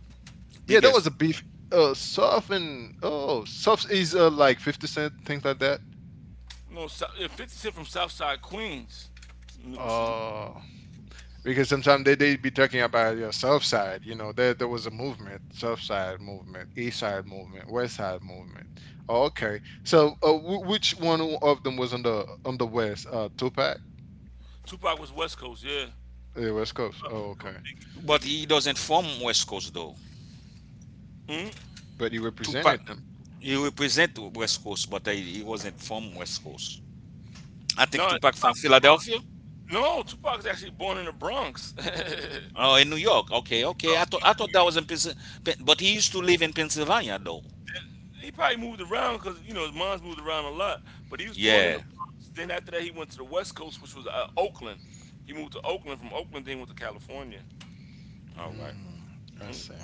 yeah, that
Biggest.
was a beef. South and oh, south is like fifty-cent things like that.
No, so, yeah, 50's hit from Southside Queens, which is
Oh. Because sometimes they be talking about your south side. You know, there was a movement, south side movement, east side movement, west side movement. Oh, okay. So, w- which one of them was on the west? Tupac,
Tupac was West Coast. Yeah,
the west coast.
Tupac
Oh,
was West
okay.
Coast,
But
Biggie,
he doesn't from West Coast though.
Biggie.
But you represented
Tupac
them.
he represent West Coast, but he wasn't from West Coast. I think
No,
Tupac from
Tupac was Bronx.
Philadelphia.
No, Tupac was actually born in the Bronx. Tupac was
Oh, in New York. Okay, okay.
born
I thought I
in
thought
New
that
York.
was in Pennsylvania, but he used to live in Pennsylvania though.
He probably moved around because you know his mom's moved around a lot. But he was born in the
Yeah.
Bronx. Then after that, he went to the West Coast, which was Oakland. He moved to Oakland. From Oakland, then he went to California.
All right.
Mm, I
Mm.
see.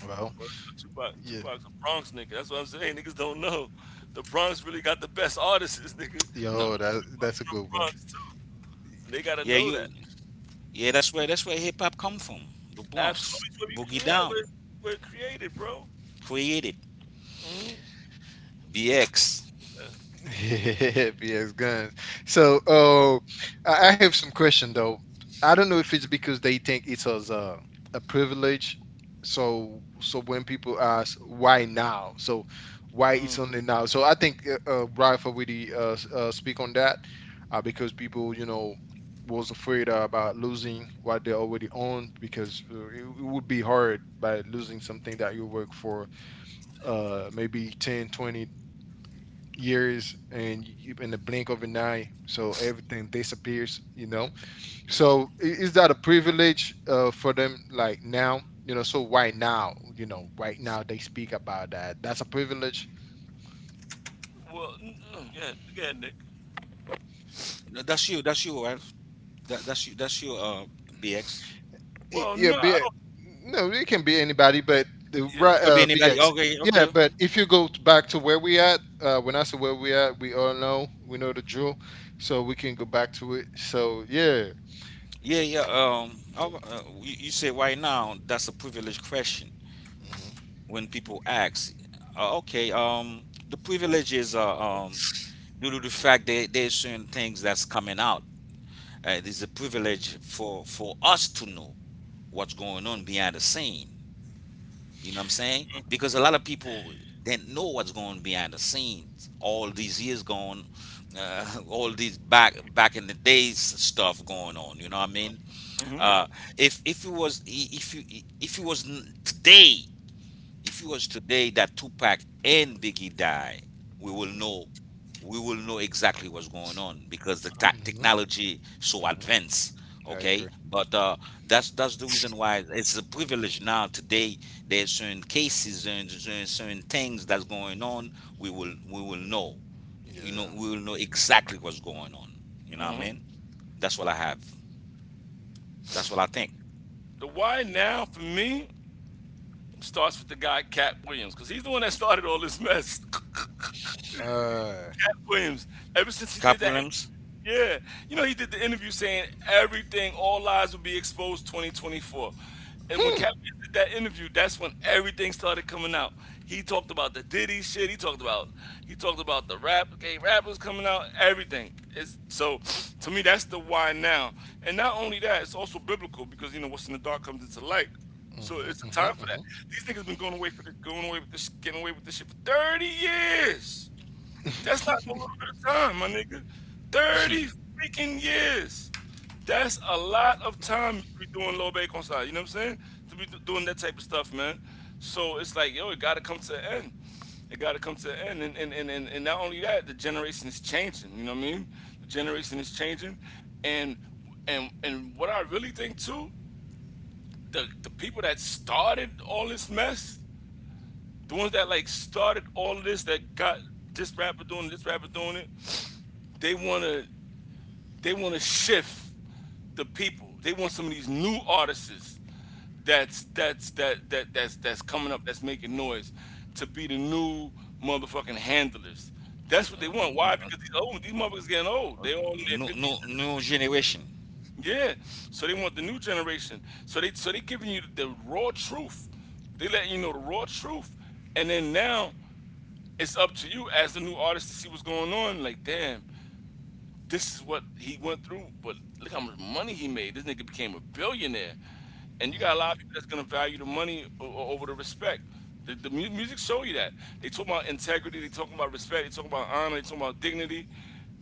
Well,
Word to the Tupac,
yeah.
Tupac's a Bronx nigga. That's what I'm saying. Niggas don't know. The Bronx really got the best artists, nigga.
No.
Yo, that
Tupac from
that's a
the
good one.
Bronx too. They gotta
Yeah,
know that.
you. Yeah, that's where hip hop come from. The Bronx,
Absolutely, where we
Boogie
yeah,
Down,
we're created, bro.
created
Mm.
BX.
Yeah.
Yes, guns. So, I have some question though. I don't know if it's because they think it's as a privilege. So, so when people ask why now, so why
Mm.
it's only now, so I think Ralph already speak on that, because people, you know, was afraid about losing what they already owned because it would be hard by losing something that you work for maybe 10, 20 years, and in the blink of an eye so everything disappears, you know. So is that a privilege for them like now, you know, so why now, you know, right now they speak about that, that's a privilege.
Well, yeah, yeah, Nick.
No, that's you. That's you, right? That, that's you. That's you. BX.
Well,
Yeah,
no, I don't.
no, it can be anybody, but the
Yeah.
It can be
bx.
anybody. Okay.
Yeah,
Okay.
but if you go back to where we at, when I say where we at, we all know, we know the drill, so we can go back to it. So yeah.
Yeah. Yeah. You say right now that's a privileged question
Hmm.
when people ask. Okay. The privilege is due to the fact that there's certain things that's coming out. It is a privilege for us to know what's going on behind the scene. You know what I'm saying? Because a lot of people didn't know what's going on behind the scenes. All these years going, uh, all these back in the days stuff going on. You know what I mean?
hmm
Uh, if it was if you if it was today, if it was today that Tupac and Biggie died, we will know we will know exactly what's going on because the
Hmm. Hmm.
technology so
Hmm.
advanced,
I
okay,
agree.
but that's the reason why it's a privilege now today. There's certain cases and certain things that's going on. We will we will know. You know,
Yeah.
we will know exactly what's going on. You know what I
hmm
mean? That's what I have. That's what I think.
The why now for me starts with the guy Cat Williams because he's the one that started all this mess.
Uh,
Cat Williams. Ever since he
Cap
did that
Williams.
interview, yeah, you know, he did the interview saying everything, all lies will be exposed 2024. And when
hmm.
Cat Williams did that interview, that's when everything started coming out. He talked about the Diddy shit. He talked about the rap, okay, rappers coming out, everything. It's, so to me, that's the why now. And not only that, it's also biblical because you know what's in the dark comes into light. So
Mhm,
it's a time
mhm,
for that.
mhm.
These niggas been going away for the, going away with this, getting away with this shit for 30 years. That's not a little bit of time, my nigga. 30 freaking years. That's a lot of time to be doing low bake on side. You know what I'm saying? To be doing that type of stuff, man. So it's like, yo, it gotta come to an end. It gotta come to an end. And not only that, the generation is changing, you know what I mean? The generation is changing. And what I really think too, the people that started all this mess, the ones that like started all of this that got this rapper doing it, this rapper doing it they want to they want to shift the people. They want some of these new artists that's coming up that's making noise to be the new motherfucking handlers. That's what they
uh, n-
want. Why?
n- uh,
Because these old these motherfuckers getting old.
uh, uh,
They all in their fifties.
new generation.
Yeah. So they want the new generation. So they giving you the raw truth. They letting you know the raw truth. And then now it's up to you as the new artist to see what's going on. Like damn, this is what he went through, but look how much money he made. This nigga became a billionaire. And you got a lot of
Mm.
people that's gonna value the money over the respect. The music show you that. They talk about integrity, they talk about respect, they talk about honor, they talk about dignity.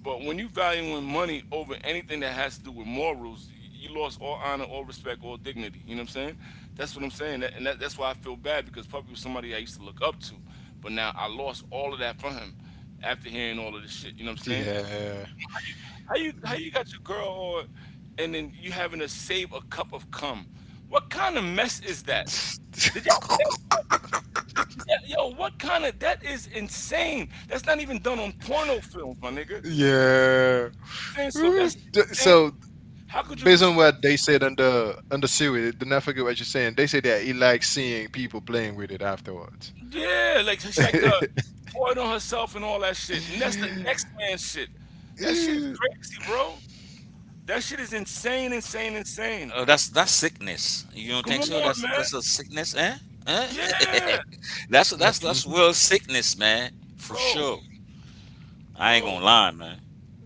But when you valuing money over anything that has to do with morals, you lost all honor, all respect, all dignity. You know what I'm saying? That's what I'm saying. That's why I feel bad because Puppy was somebody I used to look up to. But now I lost all of that from him after hearing all of this shit. You know what I'm saying?
Yeah.
How you got your girl on and then you having to save a cup of cum? What kind of mess is that? Did y'all hear that part? Did y'all, yo, what kind of that is insane. That's not even done on porno films, my nigga.
Yeah.
Saying so
Mm.
that's insane.
So
How
based
could
on
you
what they
respect?
said under under Siri, do not forget what you're saying. They say that he likes seeing people playing with it afterwards.
Yeah, like she like to pour it on herself and all that shit. And that's the next man shit. That shit is
Eh,
crazy, bro. That shit is insane.
Oh, that's sickness. You don't
Come
think
on,
so? That's a
man.
sickness, eh? Eh?
Yeah.
That's
That's,
that's
mhm.
real sickness, man, for
bro,
sure. I ain't
bro.
gonna lie, man.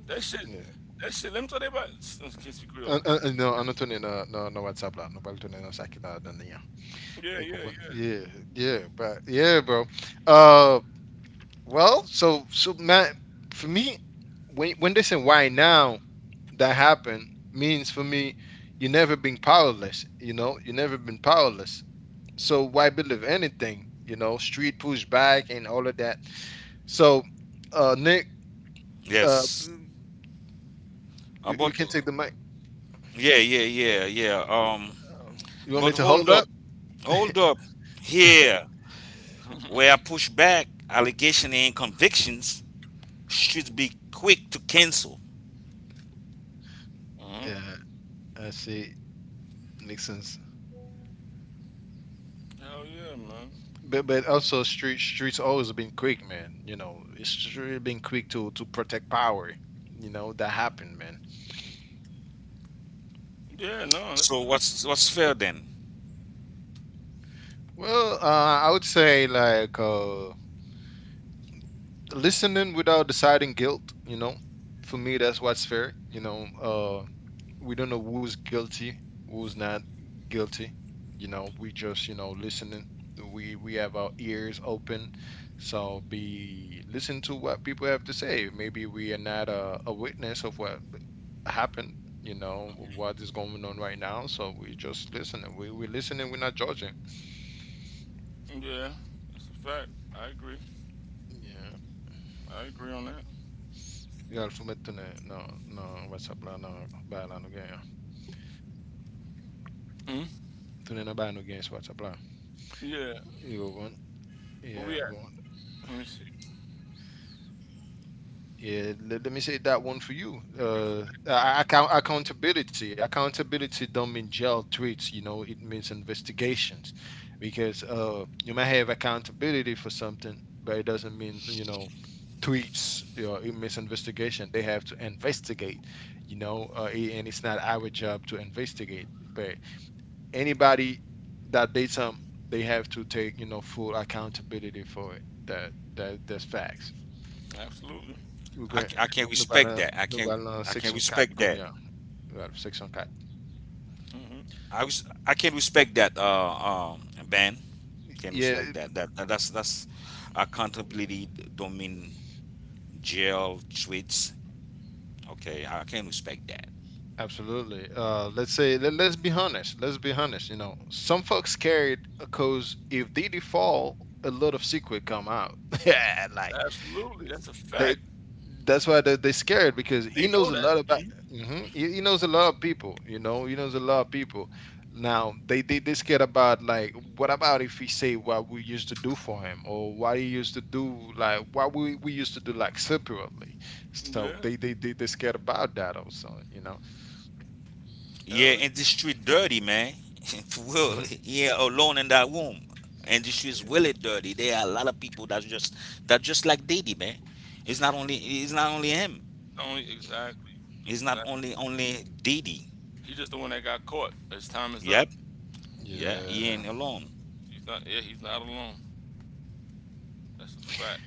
That shit,
Yeah.
that shit. Let me tell you about. I can't speak real.
Ah, ah, ah, no, ano to ni na na na WhatsApp la, no pala to ni na sa akin na na niya.
Yeah, yeah, yeah.
Yeah, yeah, but yeah, bro. Uh, Well, so so man, for me, when they say why now that happened means for me, you never been powerless. You know, you never been powerless. So why believe anything? You know, street push back and all of that. So, Nick, uh,
Yes.
you
About
can take the mic.
yeah, yeah, yeah, yeah.
You want me
But
to hold
hold
up?
up, hold up. Here, where I push back, allegation and convictions should be quick to cancel.
Mm-hmm.
Yeah, I see. Makes sense.
Hell yeah, man.
But also streets always been quick, man. You know, it's really been quick to protect power. You know that happened, man.
Yeah, no, that's
So
true.
what's fair then?
Well, I would say like listening without deciding guilt. You know, for me, that's what's fair. You know, we don't know who's guilty, who's not guilty. You know, we just listening. We have our ears open, so be listen to what people have to say. Maybe we are not a witness of what happened. You know what is going on right now, so we just listening. We listening. We're not judging.
Yeah, that's a fact. I agree.
Yeah.
I agree on that.
Għal fumet tune, no, no, WhatsApp la, no, bħala no għaja.
hmm
Tune na bħala no għaja WhatsApp la.
Yeah.
You
Where we at?
want.
Let me see.
Yeah, let me say that one for you.
Give give us a backtrack.
Accountability. Accountability don't mean jail tweets. You know, it means investigations, because you may have accountability for something, but it doesn't mean, tweets. You know, it means investigation. They have to investigate. You know, and it's not our job to investigate, but anybody that did some they have to take full accountability for it that that's facts
Absolutely.
we're
Say
going.
I
that
can't
No
respect
parlons,
that. I
no
can't
parlons
I can't
section 4
respect that.
cognac. Well, section 4.
again.
I can't respect that. Ben. Can
Yeah,
respect that. That's that's accountability don't mean jail tweets. Okay, I can respect that.
absolutely. Let's say, let's be honest, let's be honest. You know, some folks scared because if they default a lot of secret come out. Yeah. Like
Absolutely. That's a
they,
fact.
that's why they scared because
And
he
they
knows a
know that.
lot about. Hmm. He knows a lot of people, you know, he knows a lot of people. Now they scared about like what about if he say what we used to do for him or what he used to do, like what we used to do, like separately. So they
Yeah.
they they they scared about that also, you know.
Yeah,
Hell yeah.
and the street dirty, man. For real. Yeah, alone in that room. And the street's really dirty. There are a lot of people that's just that just like Diddy, man. It's not only him.
Only exactly.
It's not
Exactly.
only Diddy.
He just the one that got caught. His time is up.
Yep. Yeah, he
Yeah.
ain't alone.
He's not. Yeah, he's not alone. That's a fact.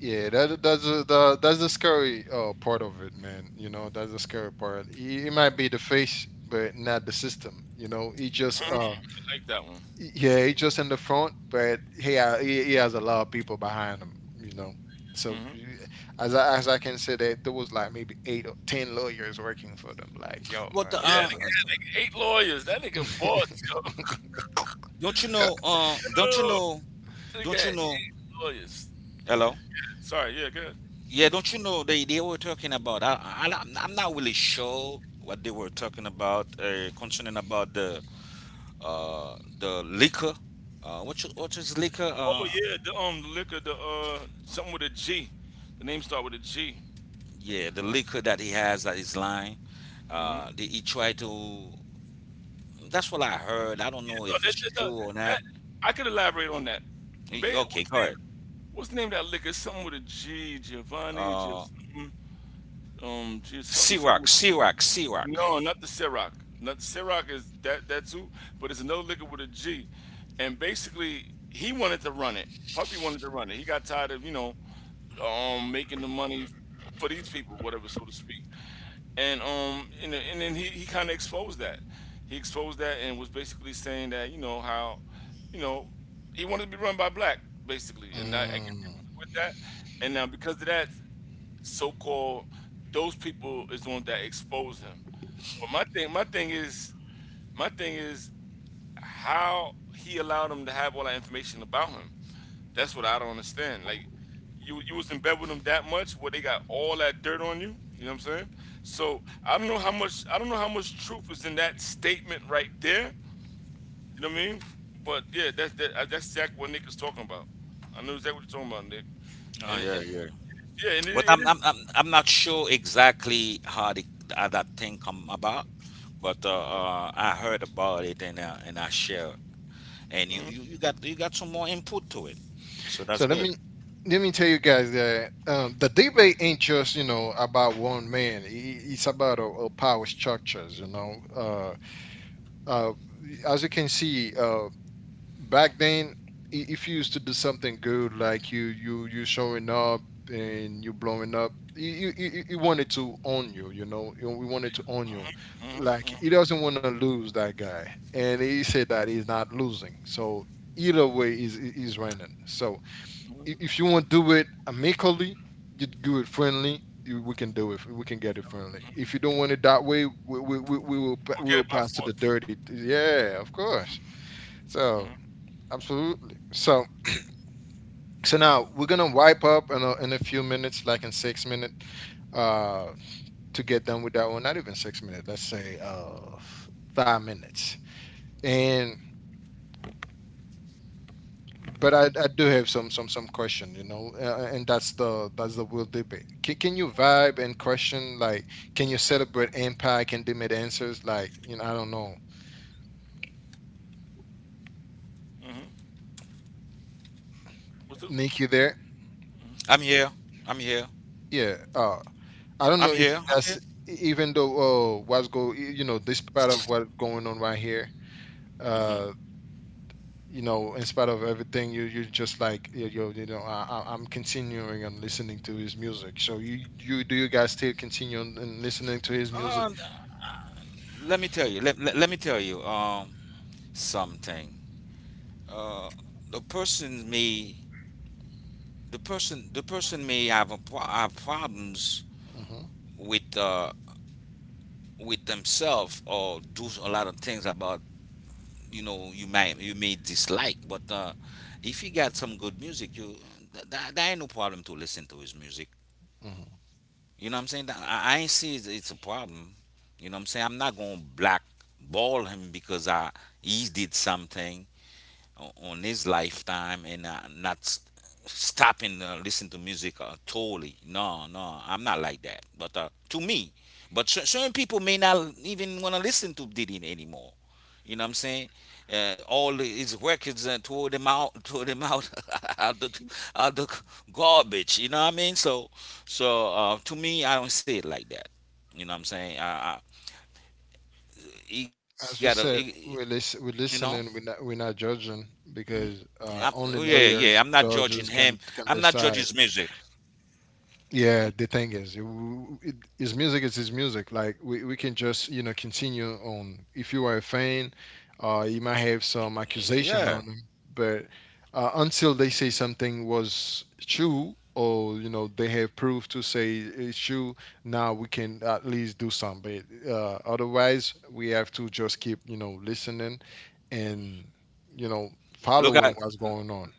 Yeah, that that's that's the scary part of it, man. You know, that's the scary part. He might be the face, but not the system. You know, he just
Mm,
um,
I like that one.
yeah, he just in the front, but he has a lot of people behind him. You know, so
hmm
as I can say that there was like maybe 8 or 10 lawyers working for them. Like, yo,
But
man, this
Yeah, nigga
is
had
insane.
like 8 lawyers. That nigga boss, yo.
don't you know don't you
Yo,
know
nigga
don't you
had
know,
8 lawyers.
hello?
Sorry, yeah, go ahead.
Yeah, don't you know they were talking about? I'm not really sure what they were talking about concerning about the liquor. What you, what is liquor?
Oh yeah, the liquor, the something with a G. The name start with a G.
Yeah, the liquor that he has that is lying.
Mm-hmm.
He tried to. That's what I heard. I don't
Yeah,
know
no,
if
that,
it's
that, that,
true or not.
that- I could elaborate on that.
Y- Okay,
What's the
go ahead.
name? What's the name of that liquor? Something with a G, Giovanni,
Uh,
just something, something with a—
Ciroc.
No, not the Ciroc. Not Ciroc is that that's who, but it's another liquor with a G. And basically, he wanted to run it. Puffy wanted to run it. He got tired of you know, making the money for these people, whatever, so to speak. And and then he kind of exposed that. He exposed that and was basically saying that you know how, you know, he wanted to be run by black basically, and I guess he
Mm.
was with that. And now because of that, so-called those people is the one that exposed him. But my thing is, how he allowed him to have all that information about him. That's what I don't understand. Like, you was in bed with him that much, where they got all that dirt on you. You know what I'm saying? So I don't know how much I don't know how much truth is in that statement right there. You know what I mean? But yeah, that's exactly what Nick is talking about. I know exactly what you're talking about, Nick.
Oh yeah,
And
yeah.
yeah, and
But
it is—
I'm not sure exactly how, how that thing come about, but I heard about it and I share. And you, you
mhm.
you got you got some more input to it, so
So
that's good.
let me tell you guys that the debate ain't just you know about one man. It's about a power structures. You know, uh, as you can see, back then, if you used to do something good, like you showing up and you blowing up, you wanted to own you. You know, we wanted to own you. Like
hmm
he doesn't want to lose that guy, and he said that he's not losing. So either way, he's winning. So if you want to do it amicably, you do it friendly. We can do it. We can get it friendly. If you don't want it that way, we will
We'll
we
get
will
it by
pass to the
force.
dirty. Yeah, of course. So
hmm
absolutely. So so now we're gonna wipe up in in a few minutes, like in 6 minutes, uh, to get done with that one. Not even 6 minutes. Let's say 5 minutes.
Okay.
And but I do have some some question, you know, and that's the real debate. Can you vibe and question like can you celebrate impact and limit answers like you know I don't know.
hmm What's the?
Nick, you there?
I'm here. I'm here.
Yeah. I don't know
I'm
if
here.
you
I'm here.
guys even though what's you know despite of what's going on right here,
Hmm.
uh you know in spite of everything you you just like you know I'm continuing and listening to his music. So you do you guys still continue and listening to his music?
Uh, let me tell you. Let me tell you. Something. Uh, the person may the person may have have problems
Hmm.
with uh with themselves or do a lot of things about. You know, you might you may dislike, but if he got some good music, you there ain't no problem to listen to his music.
Hmm.
You know what I'm saying? I ain't see it's a problem. You know what I'm saying? I'm not gonna blackball him because I he did something on his lifetime, and not stopping listen to music totally. No, no, I'm not like that. But to me, but certain people may not even want to listen to Diddy anymore. You know what I'm saying? All his records and throw them out, throw them out, out the out the garbage. You know what I mean? So, so to me, I don't see it like that. You know what I'm saying? He got to,
As we said,
you know.
we listening. We're not judging
hmm
because
I'm, oh, yeah, yeah.
only
Yeah, I'm not
lawyers,
judging
judges
him. I'm
can
not judging his
decide.
music.
Yeah, the thing is, it, his music is his music. Like we can just you know continue on. If you are a fan, you might have some
Y-
accusation
Yeah.
on him, but until they say something was true, or you know they have proof to say it's true, now we can at least do some. But otherwise, we have to just keep you know listening and you know
Look
following
at
what's going on.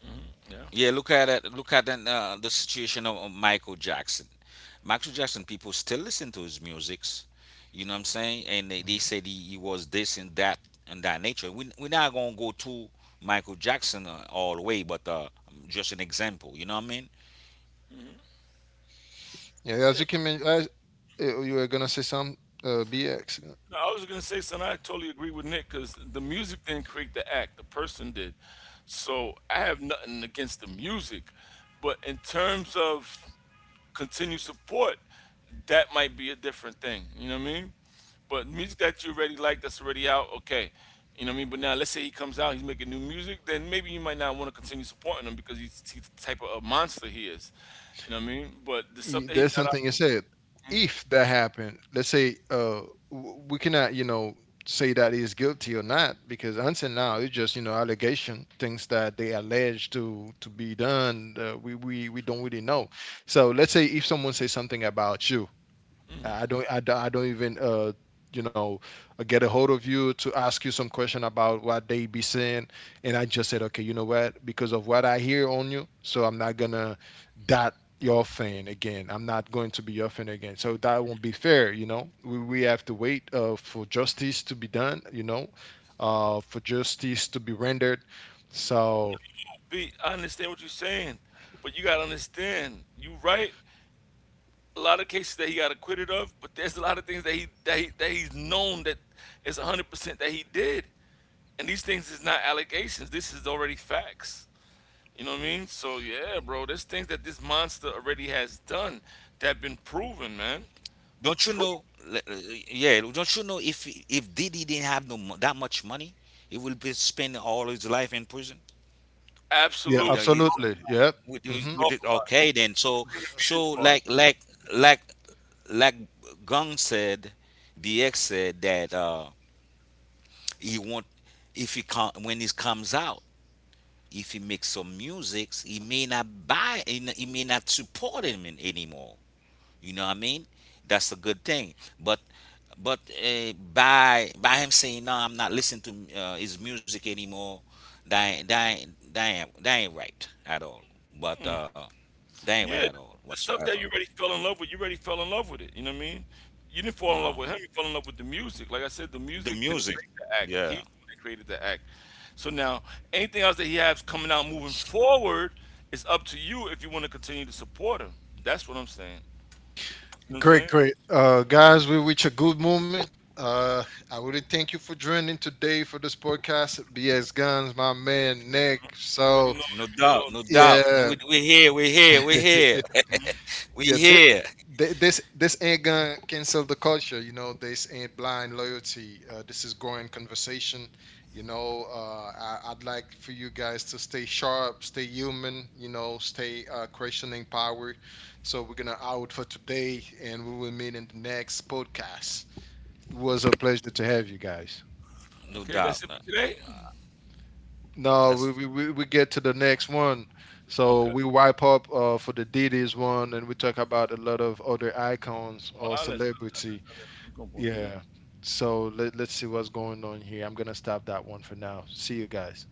hmm Yeah.
yeah. Look at it. Look at the situation of Michael Jackson. Michael Jackson. People still listen to his musics. You know what I'm saying? And they said he was this and that nature. We we're not gonna go to Michael Jackson all the way, but just an example. You know what I mean?
Yeah, as
Yeah.
you can, as, you were gonna say some BX.
No, I was gonna say, son, I totally agree with Nick because the music didn't create the act; the person did. So I have nothing against the music, but in terms of continued support, that might be a different thing. You know what I mean? But music that you already like, that's already out, okay. You know what I mean? But now, let's say he comes out, he's making new music, then maybe you might not want to continue supporting him because he's the type of a monster he is. You know what I mean? But the stuff that he
There's
got out,
something you said. If that happened, let's say we cannot, you know, say that he's guilty or not because until now it's just you know allegation, things that they allege to be done. We we don't really know. So let's say if someone says something about you, I don't even, you know, get a hold of you to ask you some question about what they be saying. And I just said, okay, you know what? Because of what I hear on you, so I'm not gonna dot your fan again. I'm not going to be your fan again. So that won't be fair, you know. We have to wait for justice to be done, you know, for justice to be rendered. So
be I understand what you're saying, but you gotta understand, you right. A lot of cases that he got acquitted of, but there's a lot of things that he's known that it's 100% that he did. And these things is not allegations. This is already facts. You know what I mean? So yeah, bro, there's things that this monster already has done that have been proven, man.
Don't you
Proved.
know? l- l- Yeah. Don't you know if Diddy didn't have no that much money, he would be spending all his life in prison.
yeah,
With the
Absolutely.
is-
Talk,
absolutely, yep.
with the-
Hmm.
With
talk
it,
about it.
okay, then,
You
so
couldn't even be this
so
far.
like like Gong said, DX said that he not, if when it comes out, if he makes some music, he may not buy, he may not support him in, anymore. You know what I mean? That's a good thing, but by him saying no, I'm not listening to his music anymore, that ain't that ain't right at all, but uh, they ain't right
Yeah,
at all
the stuff
whatsoever.
that you already fell in love with, you already fell in love with it. You know what I mean? You didn't
You
fall in
know,
love with him. You fell in love with the music. Like I said, the
the
music didn't
music.
create the act.
Yeah,
He's the one that created the act. So now, anything else that he has coming out moving forward, it's up to you if you want to continue to support him. That's what I'm saying. You know what I'm
Great,
saying?
great. Guys, we reach a good moment. Uh, I really thank you for joining today for this podcast. BS Guns, my man Nick.
Mhm. You already
So
know
no
every day,
doubt,
all
no
day.
doubt. No,
yeah,
we we here,
Mhm.
we
yeah.
here.
This this ain't gonna cancel the culture. You know, this ain't blind loyalty. This is growing conversation. You know, I, I'd like for you guys to stay sharp, stay human. You know, stay questioning power. So we're gonna out for today, and we will meet in the next podcast. It was a pleasure to have you guys.
No
Okay, that's
doubt.
it for
No,
today?
No,
that's
we get to the next one. So
Okay.
we wipe up for the Diddy's one and we talk about a lot of other icons
Oh,
or
Alex, Alex, Alex,
celebrity.
Alex. I'm going to work now.
Yeah. So let's see what's going on here. I'm going to stop that one for now. See you guys.